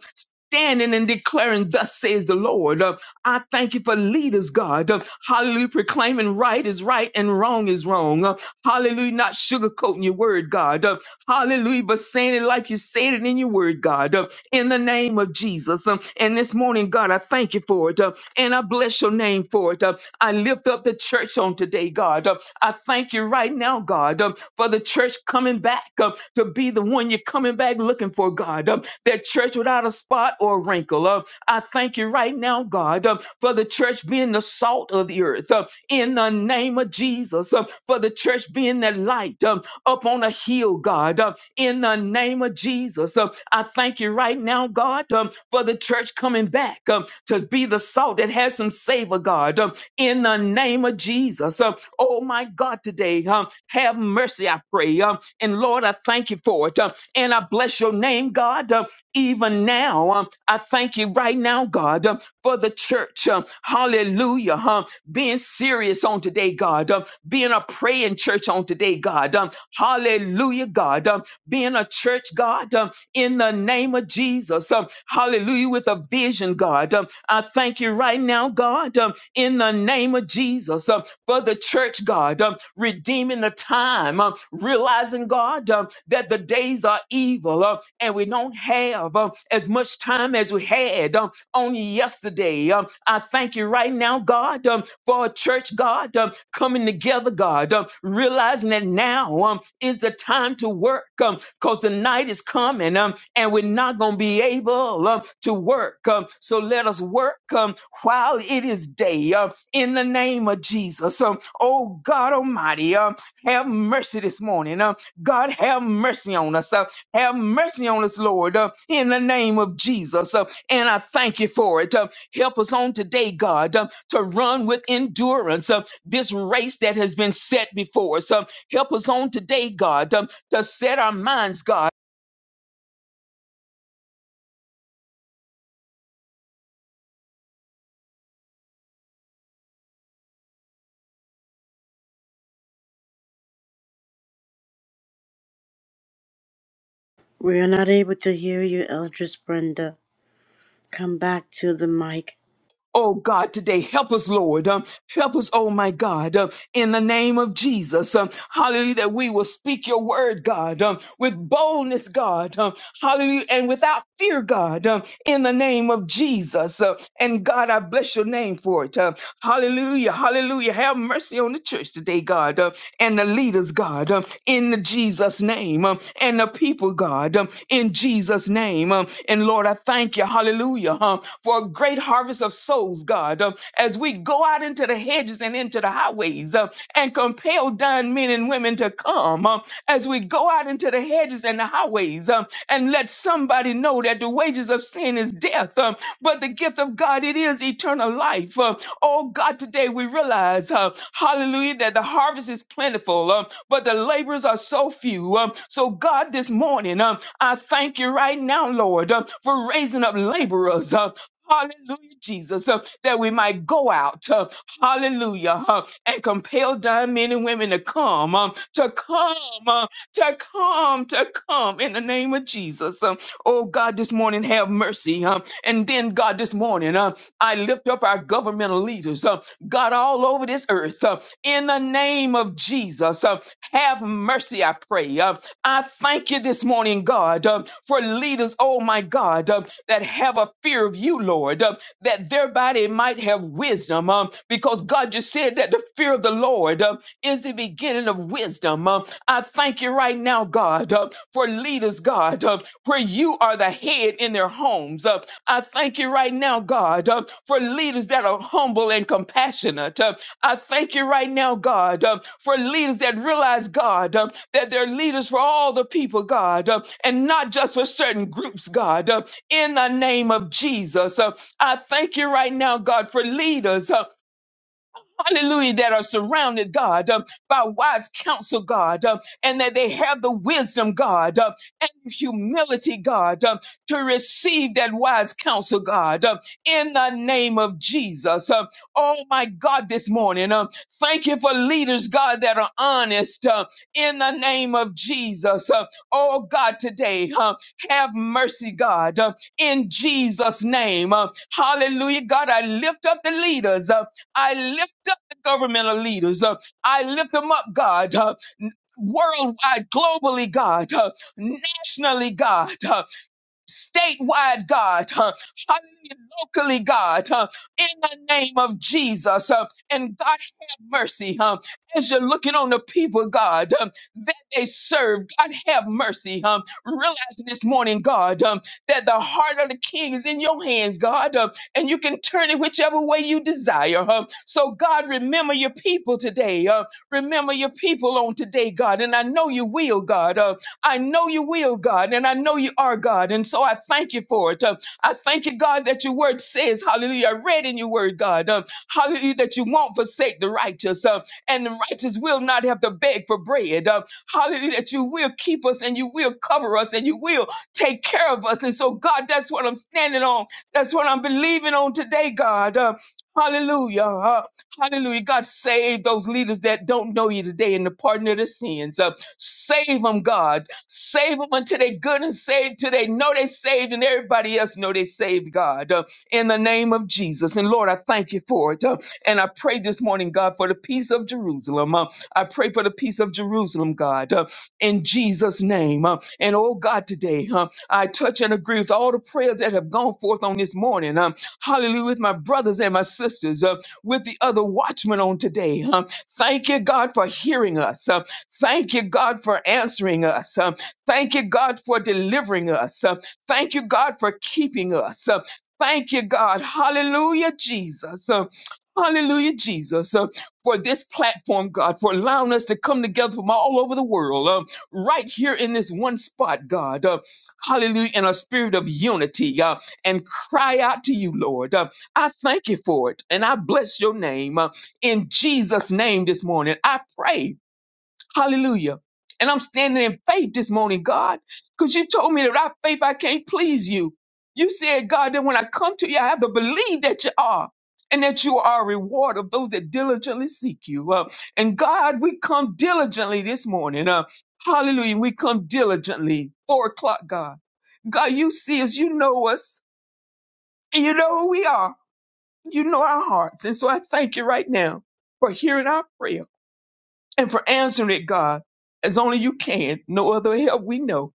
S6: standing and declaring, Thus says the Lord. Uh, I thank you for leaders, God. Uh, Hallelujah, proclaiming right is right and wrong is wrong. Uh, Hallelujah, not sugarcoating your word, God. Uh, Hallelujah, but saying it like you said it in your word, God. Uh, in the name of Jesus. Um, And this morning, God, I thank you for it. uh, And I bless your name for it. Uh, I lift up the church on today, God. Uh, I thank you right now, God, um, for the church coming back uh, to be the one you're coming back looking for, God. Uh, That church without a spot or a wrinkle. Uh, I thank you right now, God, uh, for the church being the salt of the earth. uh, in the name of Jesus, uh, for the church being that light. um, up on a hill, God, uh, in the name of Jesus. Uh, I thank you right now, God, um, for the church coming back um, to be the salt that has some savor, God, um, in the name of Jesus. Uh, oh, my God, today, um, have mercy, I pray. Um, and Lord, I thank you for it. Um, and I bless your name, God, um, even now. Um, I thank you right now, God, um, for the church. Um, hallelujah. Um, being serious on today, God. Um, being a praying church on today, God. Um, hallelujah, God. Um, being a church, God, um, in the name of Jesus. Um, hallelujah, with a vision, God. Um, I thank you right now, God, um, in the name of Jesus, um, for the church, God, um, redeeming the time, um, realizing, God, um, that the days are evil um, and we don't have um, as much time as we had um, on yesterday. Um, I thank you right now, God, um, for a church, God, um, coming together, God, um, realizing that now um, is the time to work because the night is coming um, and we're not going to be able um, to work. Um, so let us work um, while it is day um, in the name of Jesus. Um, oh, God Almighty, um, have mercy this morning. Um, God, have mercy on us. Uh, have mercy on us, Lord, uh, in the name of Jesus. Uh, and I thank you for it. Uh, Help us on today, God, uh, to run with endurance uh, this race that has been set before us. Uh, help us on today, God, um, to set our minds, God.
S1: We are not able to hear you, Eldris Brenda. Come back to the mic.
S6: Oh God, today help us, Lord. Um, help us, oh my God, um, in the name of Jesus. Um, hallelujah, that we will speak your word, God, um, with boldness, God. Um, hallelujah, and without fear, God, um, in the name of Jesus. Uh, and God, I bless your name for it. Uh, hallelujah, hallelujah. Have mercy on the church today, God. Uh, and the leaders, God, um, in Jesus' name, um, and the people, God, um, in Jesus' name. um, And Lord, I thank you, hallelujah, huh, for a great harvest of souls, God, um, as we go out into the hedges and into the highways uh, and compel dying men and women to come, um, as we go out into the hedges and the highways um, and let somebody know that the wages of sin is death, um, but the gift of God, it is eternal life. uh, Oh God, today we realize, uh, hallelujah, that the harvest is plentiful, um, but the laborers are so few. Um, so, God, this morning, um, I thank you right now, Lord, um, for raising up laborers. um, Hallelujah, Jesus, um, that we might go out, um, hallelujah, um, and compel dying men and women to come, um, to come, um, to come, to come in the name of Jesus. Um, oh God, this morning have mercy. Um, and then God, this morning, uh, I lift up our governmental leaders, uh, God, all over this earth. uh, in the name of Jesus, uh, have mercy, I pray. Uh, I thank you this morning, God, uh, for leaders, oh my God, uh, that have a fear of you, Lord, uh, that thereby they might have wisdom. um, because God just said that the fear of the Lord uh, is the beginning of wisdom. Um, I thank you right now, God, uh, for leaders, God, uh, where you are the head in their homes. Uh, I thank you right now, God, uh, for leaders that are humble and compassionate. Uh, I thank you right now, God, uh, for leaders that realize, God, uh, that they're leaders for all the people, God, uh, and not just for certain groups, God. Uh, in the name of Jesus, uh, I thank you right now, God, for leaders. uh, hallelujah, that are surrounded, God, uh, by wise counsel, God, uh, and that they have the wisdom, God, uh, and humility, God, uh, to receive that wise counsel, God, uh, in the name of Jesus. Uh, oh, my God, this morning, uh, thank you for leaders, God, that are honest uh, in the name of Jesus. Uh, oh, God, today, uh, have mercy, God, uh, in Jesus' name. Uh, hallelujah, God, I lift up the leaders. Uh, I lift the governmental leaders. Uh, I lift them up, God. Uh, worldwide, globally, God, uh, nationally, God. uh, statewide, God, huh? hallelujah, locally, God, huh? in the name of Jesus. huh? And God, have mercy huh? as you're looking on the people, God, huh, that they serve. God, have mercy. huh? Realizing this morning, God, huh, that the heart of the king is in your hands, God, huh, and you can turn it whichever way you desire. huh? So, God, remember your people today. huh? Remember your people on today, God, and I know you will, God. huh? I know you will, God, and I know you are, God. And so I thank you for it. Uh, I thank you, God, that your word says, hallelujah, I read in your word, God, um, hallelujah, that you won't forsake the righteous, uh, and the righteous will not have to beg for bread. Uh, hallelujah, that you will keep us and you will cover us and you will take care of us. And so, God, that's what I'm standing on. That's what I'm believing on today, God. Uh, Hallelujah. Uh, hallelujah. God, save those leaders that don't know you today and the pardon of their sins. Uh, save them, God. Save them until they good and saved till they know they saved and everybody else know they saved, God, uh, in the name of Jesus. And Lord, I thank you for it. uh, and I pray this morning, God, for the peace of Jerusalem. uh, I pray for the peace of Jerusalem, God, uh, in Jesus' name. uh, and oh God, today uh, I touch and agree with all the prayers that have gone forth on this morning. um, hallelujah, with my brothers and my sisters, uh, with the other watchmen on today. um, thank you, God, for hearing us. uh, thank you, God, for answering us. um, Thank you, God, for delivering us. Uh, Thank you, God, for keeping us. Uh, Thank you, God. Hallelujah, Jesus. Uh, Hallelujah, Jesus, uh, for this platform, God, for allowing us to come together from all over the world, uh, right here in this one spot, God. Uh, hallelujah, in a spirit of unity uh, and cry out to you, Lord. Uh, I thank you for it and I bless your name. Uh, in Jesus' name this morning, I pray. Hallelujah. And I'm standing in faith this morning, God, because you told me that without faith I can't please you. You said, God, that when I come to you, I have to believe that you are and that you are a reward of those that diligently seek you. Uh, and God, we come diligently this morning. Uh, hallelujah. We come diligently. Four o'clock, God. God, you see us, you know us, and you know who we are. You know our hearts. And so I thank you right now for hearing our prayer and for answering it, God, as only you can. No other help we know.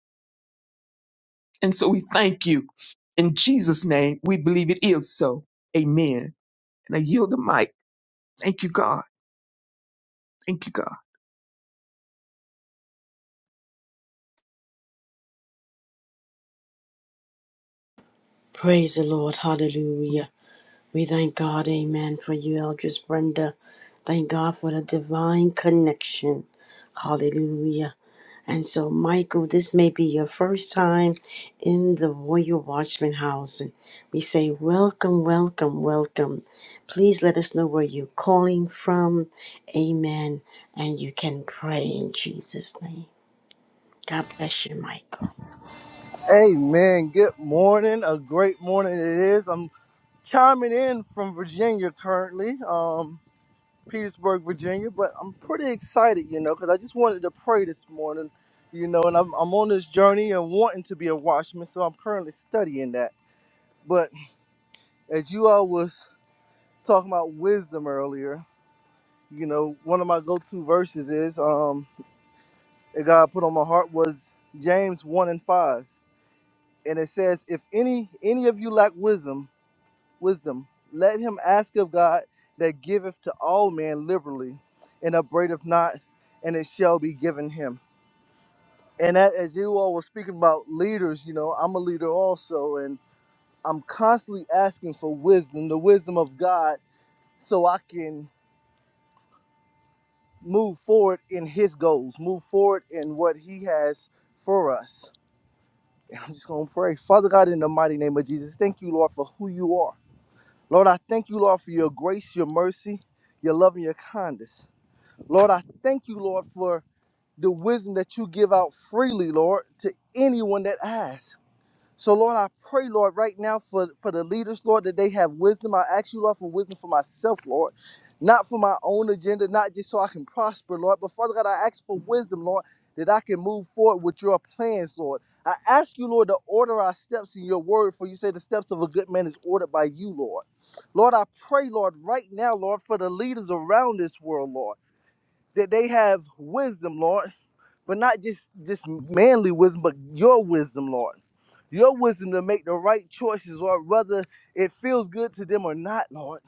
S6: And so we thank you. In Jesus' name, we believe it is so. Amen. And I yield the mic. Thank you, God. Thank you, God.
S1: Praise the Lord. Hallelujah. We thank God, amen, for you, Eldris Brenda. Thank God for the divine connection. Hallelujah. And so, Michael, this may be your first time in the Royal Watchman House. And we say, Welcome, welcome, welcome. Please let us know where you're calling from. Amen. And you can pray in Jesus' name. God bless you, Michael.
S7: Amen. Good morning. A great morning it is. I'm chiming in from Virginia currently, um, Petersburg, Virginia, but I'm pretty excited, you know, because I just wanted to pray this morning, you know, and I'm, I'm on this journey and wanting to be a watchman, so I'm currently studying that. But as you all was talking about wisdom earlier, you know, one of my go-to verses is um, that God put on my heart was James 1 and 5. And it says, if any any of you lack wisdom, wisdom. Let him ask of God that giveth to all men liberally, and upbraideth not, and it shall be given him. And that, as you all were speaking about leaders, you know, I'm a leader also, and I'm constantly asking for wisdom, the wisdom of God, so I can move forward in his goals, move forward in what he has for us. And I'm just going to pray. Father God, in the mighty name of Jesus, thank you, Lord, for who you are. Lord, I thank you, Lord, for your grace, your mercy, your love, and your kindness. Lord, I thank you, Lord, for the wisdom that you give out freely, Lord, to anyone that asks. So, Lord, I pray, Lord, right now for, for the leaders, Lord, that they have wisdom. I ask you, Lord, for wisdom for myself, Lord, not for my own agenda, not just so I can prosper, Lord, but Father God, I ask for wisdom, Lord, that I can move forward with your plans, Lord. I ask you, Lord, to order our steps in your word, for you say the steps of a good man is ordered by you, Lord. Lord, I pray, Lord, right now, Lord, for the leaders around this world, Lord that they have wisdom, Lord, but not just just manly wisdom, but your wisdom, Lord. Your wisdom to make the right choices, Lord, whether it feels good to them or not, Lord.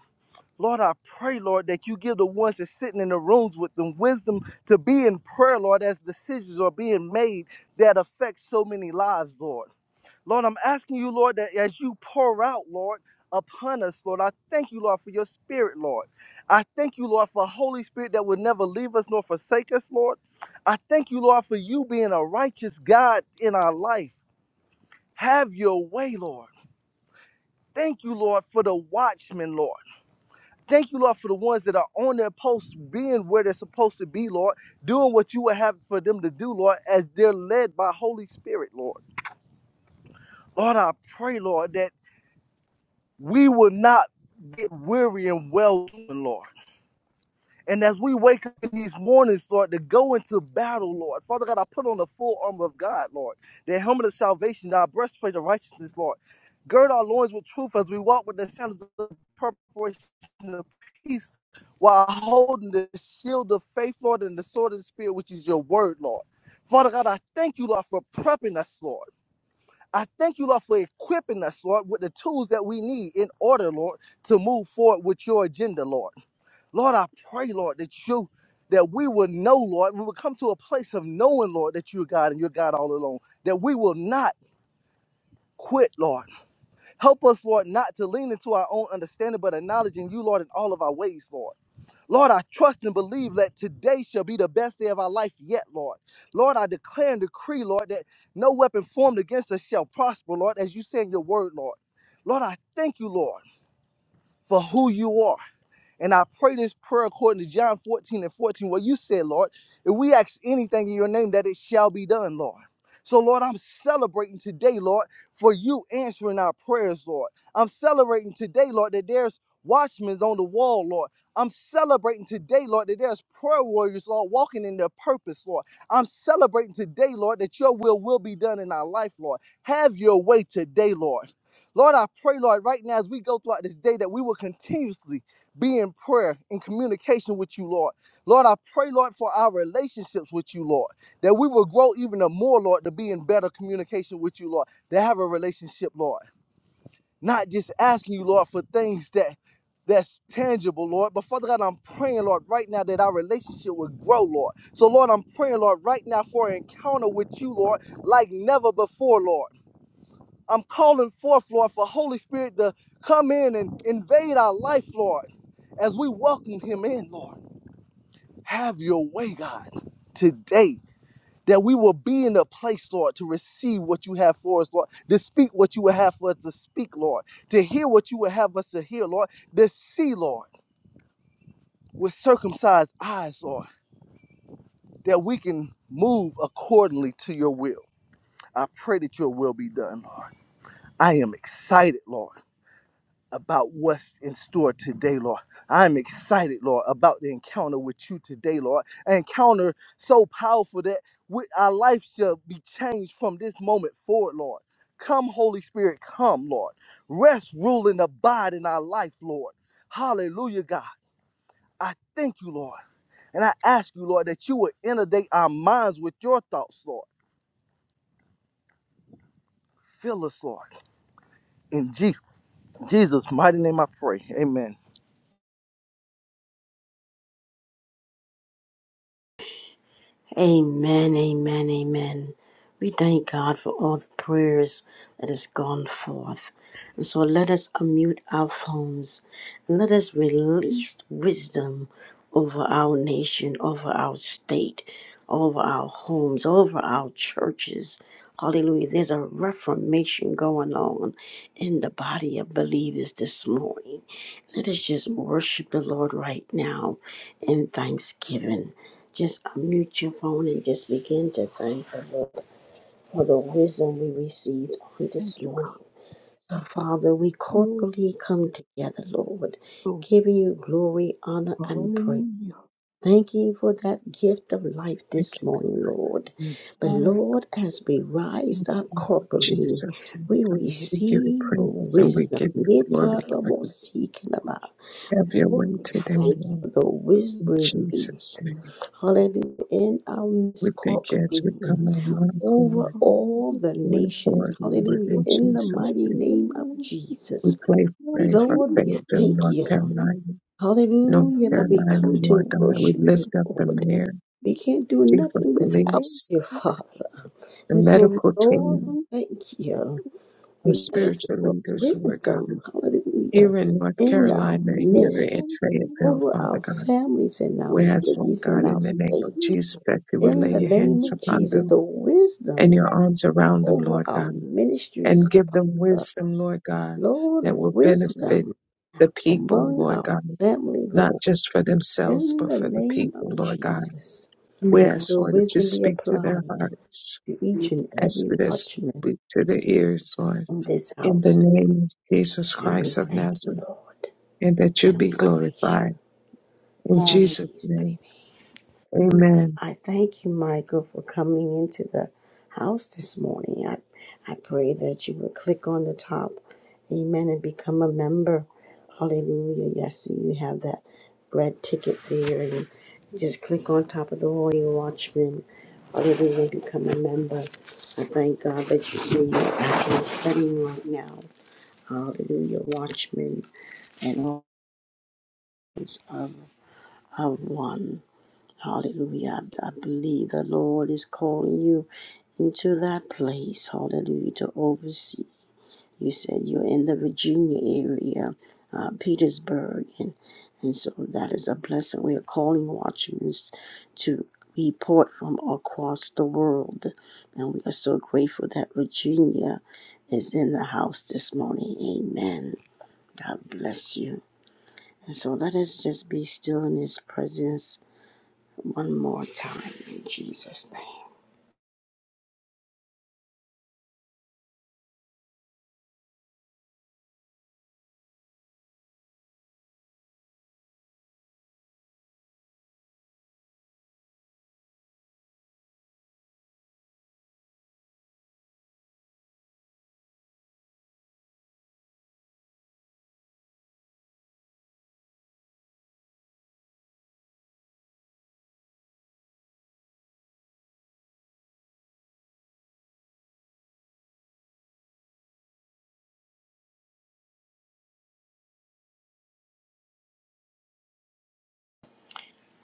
S7: Lord, I pray, Lord, that you give the ones that's sitting in the rooms with them wisdom to be in prayer, Lord, as decisions are being made that affect so many lives, Lord. Lord, I'm asking you, Lord, that as you pour out, Lord, upon us, Lord, I thank you, Lord, for your spirit, Lord. I thank you, Lord, for Holy Spirit that will never leave us nor forsake us, Lord. I thank you, Lord, for you being a righteous God in our life. Have your way, Lord. Thank you, Lord, for the watchmen, Lord. Thank you, Lord, for the ones that are on their posts, being where they're supposed to be, Lord, doing what you would have for them to do, Lord, as they're led by Holy Spirit, Lord. Lord, I pray, Lord, that. we will not get weary and well doing, Lord. And as we wake up in these mornings, Lord, to go into battle, Lord. Father God, I put on the full armor of God, Lord. The helmet of salvation, our breastplate of righteousness, Lord. Gird our loins with truth as we walk with the sandals of the preparation of peace while holding the shield of faith, Lord, and the sword of the Spirit, which is your word, Lord. Father God, I thank you, Lord, for prepping us, Lord. I thank you, Lord, for equipping us, Lord, with the tools that we need in order, Lord, to move forward with your agenda, Lord. Lord, I pray, Lord, that you that we will know, Lord, we will come to a place of knowing, Lord, that you're God and you're God all alone, that we will not quit, Lord. Help us, Lord, not to lean into our own understanding, but acknowledging you, Lord, in all of our ways, Lord. Lord, I trust and believe that today shall be the best day of our life yet, Lord. Lord, I declare and decree, Lord, that no weapon formed against us shall prosper, Lord, as you say in your word, Lord. Lord, I thank you, Lord, for who you are. And I pray this prayer according to John 14 and 14, where you said, Lord, if we ask anything in your name, that it shall be done, Lord. So, Lord, I'm celebrating today, Lord, for you answering our prayers, Lord. I'm celebrating today, Lord, that there's watchmen on the wall, Lord. I'm celebrating today, Lord, that there's prayer warriors, Lord, walking in their purpose, Lord. I'm celebrating today, Lord, that your will will be done in our life, Lord. Have your way today, Lord. Lord, I pray, Lord, right now as we go throughout this day that we will continuously be in prayer in communication with you, Lord. Lord, I pray, Lord, for our relationships with you, Lord, that we will grow even more, Lord, to be in better communication with you, Lord, to have a relationship, Lord. Not just asking you, Lord, for things that that's tangible, Lord. But Father God, I'm praying, Lord, right now that our relationship will grow, Lord. So, Lord, I'm praying, Lord, right now for an encounter with you, Lord, like never before, Lord. I'm calling forth, Lord, for Holy Spirit to come in and invade our life, Lord, as we welcome Him in, Lord. Have your way, God, today, that we will be in a place, Lord, to receive what you have for us, Lord, to speak what you would have for us to speak, Lord, to hear what you would have us to hear, Lord, to see, Lord, with circumcised eyes, Lord, that we can move accordingly to your will. I pray that your will be done, Lord. I am excited, Lord about what's in store today, Lord. I'm excited, Lord, about the encounter with you today, Lord. An encounter so powerful that we, our life shall be changed from this moment forward, Lord. Come, Holy Spirit, come, Lord. Rest, rule, and abide in our life, Lord. Hallelujah, God. I thank you, Lord. And I ask you, Lord, that you would inundate our minds with your thoughts, Lord. Fill us, Lord. In Jesus, Jesus' mighty name I pray. Amen.
S1: Amen, amen, amen. We thank God for all the prayers that has gone forth. And so let us unmute our phones and let us release wisdom over our nation, over our state, over our homes, over our churches. Hallelujah. There's a reformation going on in the body of believers this morning. Let us just worship the Lord right now in thanksgiving. Just unmute your phone and just begin to thank the Lord for the wisdom we received on
S6: Thank
S1: this
S6: you, God.
S1: morning. So, Father, we
S6: Lord,
S1: corporately come
S6: it's
S1: together, Lord,
S6: so
S1: giving you glory, honor, and praise.
S6: hallelujah.
S1: Thank you for that gift of life
S3: Thank
S1: this
S3: you,
S1: morning,
S3: Lord.
S1: Lord.
S6: Yes.
S1: But Lord, as we rise
S6: Thank you,
S1: up
S3: Lord
S1: corporately,
S3: Jesus,
S1: we
S3: God, we give you
S1: receive
S3: praise and we
S1: wisdom.
S3: give you glory. Lord.
S6: Lord.
S3: Have your
S1: Lord,
S3: way
S1: we
S3: today,
S1: thank you for
S3: Lord.
S1: the wisdom
S3: In
S1: released
S3: Jesus' name.
S6: Thank
S1: hallelujah, in
S6: you.
S1: our
S3: We
S1: midst
S3: thank you as we
S6: Thank
S1: corporately,
S3: come
S6: you,
S3: on one
S6: Christ.
S3: accord,
S1: over all
S6: Hallelujah.
S1: the
S3: one
S1: nations,
S3: accord, Lord.
S1: hallelujah,
S3: In
S6: Thank
S1: in the
S6: you, God.
S3: Jesus'
S1: mighty
S3: name.
S6: Thank
S1: name
S6: you,
S1: of
S6: Lord. Thank
S3: We
S1: Jesus.
S6: you, Lord.
S3: pray,
S6: Thank you, Lord. Thank
S3: pray for
S1: Lord,
S6: you,
S1: we
S3: Fayetteville,
S6: Lord.
S1: thank
S3: North
S1: you,
S6: Thank
S3: Carolina. North
S1: hallelujah, that we
S3: Carolina,
S1: come to
S3: Lord God. We
S1: worship
S3: lift
S1: you,
S3: up the
S1: Lord.
S3: mayor,
S1: We can't do
S3: chief of
S1: nothing without
S3: police,
S1: you, Father.
S3: the
S1: And so,
S3: medical
S1: Lord, we
S6: you,
S3: team,
S6: Lord.
S1: thank you.
S3: our
S1: We thank you
S3: spiritual
S1: for
S6: Thank you,
S3: leaders,
S6: Lord.
S3: Lord God.
S1: wisdom,
S3: Here
S1: hallelujah,
S3: in North
S1: in our
S3: Carolina, here in
S1: midst,
S3: Fayetteville,
S1: over
S3: Father
S1: our
S3: God,
S1: families and our
S3: we ask, Lord
S1: cities and
S3: God,
S1: our
S3: in the name of
S1: states
S3: Jesus, that you would
S1: in
S3: lay
S1: the
S3: your
S1: name
S3: hands
S1: of
S3: upon
S1: Jesus,
S3: them
S1: the
S3: and
S1: wisdom
S3: your arms around them,
S1: over
S3: Lord
S1: our
S3: God, and
S1: ministries,
S3: give them
S1: Father.
S3: wisdom, Lord God,
S1: Lord,
S3: that will benefit
S1: wisdom
S3: the people,
S1: among
S3: Lord
S1: our
S3: God,
S1: family,
S3: not
S1: Lord,
S3: just for themselves,
S1: in
S3: but
S1: the
S3: for the
S1: name of
S3: people, Lord God.
S1: Jesus.
S3: We
S1: Let
S3: ask,
S1: your
S3: Lord, that you
S1: wisdom be
S3: speak to their
S1: applied
S3: hearts.
S1: to each and
S3: Ask
S1: every
S3: for this,
S1: watchman
S3: speak to their ears, Lord.
S1: in this
S3: In the
S1: house.
S3: name of Jesus
S1: And we
S3: Christ of
S1: thank you,
S3: Nazareth,
S1: Lord,
S3: and that you
S1: and
S3: be
S1: we praise
S3: glorified.
S1: you
S3: In
S1: in
S3: Jesus'
S1: Jesus'
S3: name,
S1: mighty name.
S3: amen.
S1: I thank you, Michael, for coming into the house this morning. I, I pray that you would click on the top, amen, and become a member. Hallelujah. Yes, you have that red ticket there, and just click on top of the Royal Watchman. Hallelujah, and become a member. I thank God that you see you're actually studying right now. Hallelujah, Watchman and all of, of one. Hallelujah. I believe the Lord is calling you into that place. Hallelujah. To oversee. You said you're in the Virginia area, uh, Petersburg. And, and so that is a blessing. We are calling watchmen to report from across the world. And we are so grateful that Virginia is in the house this morning. Amen. God bless you. And so let us just be still in his presence one more time in Jesus' name.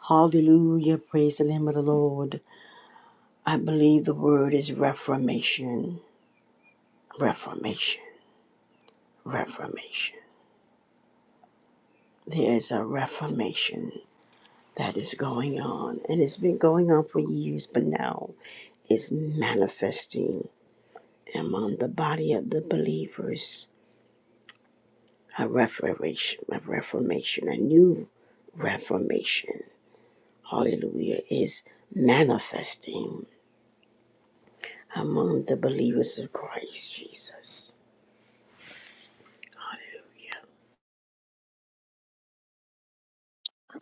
S1: Hallelujah. Praise the name of the Lord. I believe the word is reformation. Reformation. Reformation. There is a reformation that is going on, and it's been going on for years, but now it's manifesting among the body of the believers. A reformation, a reformation, a new reformation. Hallelujah is manifesting among the believers of Christ Jesus.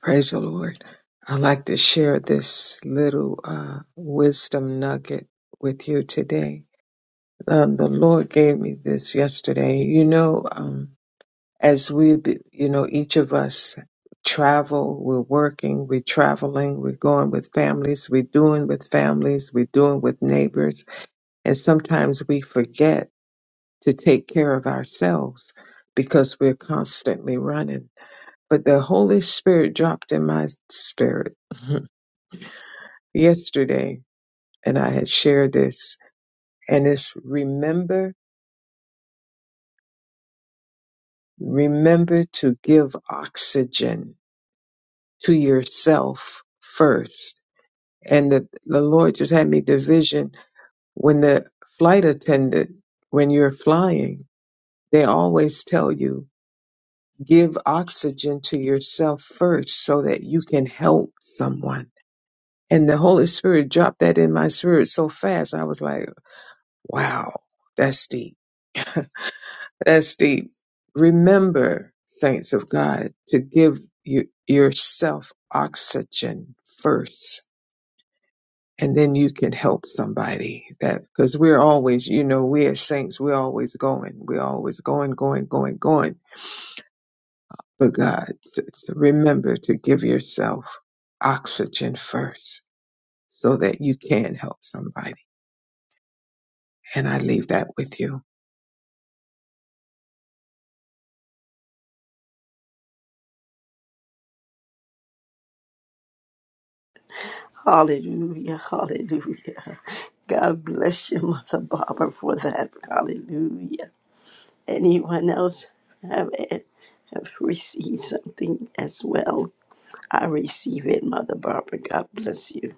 S3: Praise the Lord. I'd like to share this little uh, wisdom nugget with you today. Um, the Lord gave me this yesterday. You know, um, as we, be- you know, each of us travel, we're working, we're traveling, we're going with families, we're doing with families, we're doing with neighbors. And sometimes we forget to take care of ourselves because we're constantly running. But the Holy Spirit dropped in my spirit *laughs* yesterday, and I had shared this, and it's remember, remember to give oxygen to yourself first and the, the Lord just had me division when the flight attendant, when you're flying, they always tell you give oxygen to yourself first so that you can help someone. And the Holy Spirit dropped that in my spirit so fast. I was like, wow, that's deep. That's deep. Remember, saints of God, to give you, yourself oxygen first and then you can help somebody that because we're always you know we are saints we're always going we're always going going going going but god t- t- remember to give yourself oxygen first so that you can help somebody and i leave that with you
S1: Hallelujah, hallelujah. God bless you, Mother Barbara, for that. Hallelujah. Anyone else have, have received something as well? I receive it, Mother Barbara. God bless you.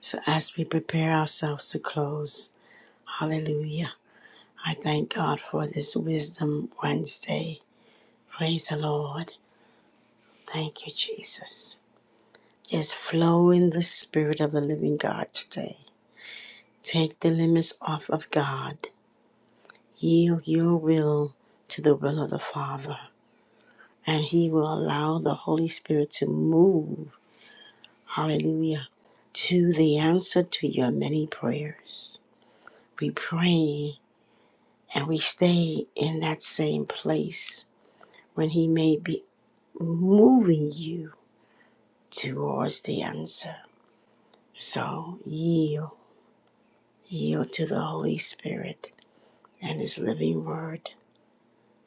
S1: So, as we prepare ourselves to close, hallelujah. I thank God for this Wisdom Wednesday. Praise the Lord. Thank you, Jesus. Just flow in the Spirit of the living God today. Take the limits off of God. Yield your will to the will of the Father, and He will allow the Holy Spirit to move. Hallelujah. To the answer to your many prayers. We pray and we stay in that same place when He may be moving you towards the answer. So yield, yield to the Holy Spirit and His living word,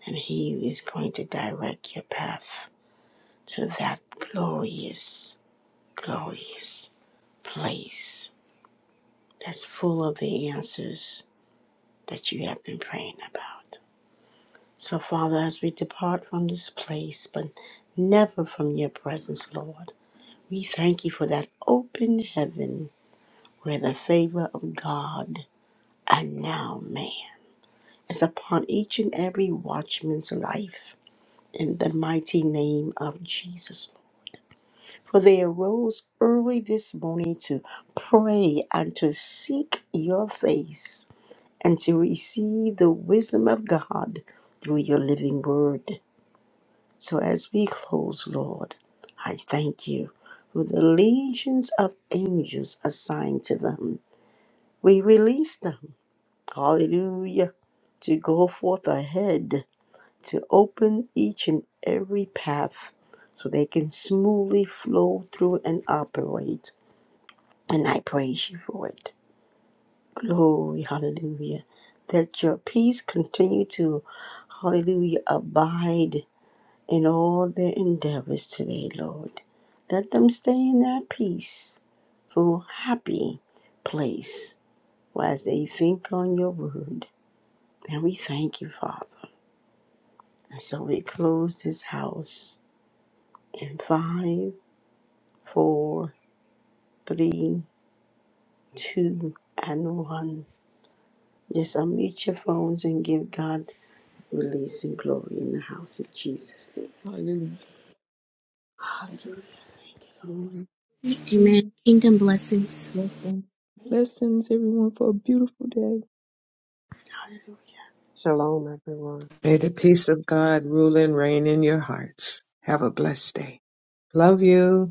S1: and He is going to direct your path to that glorious, glorious place that's full of the answers that you have been praying about. So, Father, as we depart from this place, but never from your presence, Lord, we thank you for that open heaven where the favor of God and now man is upon each and every watchman's life in the mighty name of Jesus. For they arose early this morning to pray and to seek your face and to receive the wisdom of God through your living word. So as we close, Lord, I thank you for the legions of angels assigned to them. We release them, hallelujah, to go forth ahead to open each and every path so they can smoothly flow through and operate. And I praise you for it. Glory, hallelujah. That your peace continue to, hallelujah, abide in all their endeavors today, Lord. Let them stay in that peaceful, happy place as they think on your word. And we thank you, Father. And so we close this house in five. four, three, two, and one. Just unmute your phones and give God release and glory in the house of Jesus.
S6: Hallelujah.
S1: Hallelujah. Thank you, Lord.
S6: Glory.
S4: Amen. Kingdom blessings.
S6: Blessings. Blessings, everyone, for a beautiful day.
S1: Hallelujah.
S2: Shalom, everyone.
S3: may the peace of god rule and reign in your hearts have a blessed day love you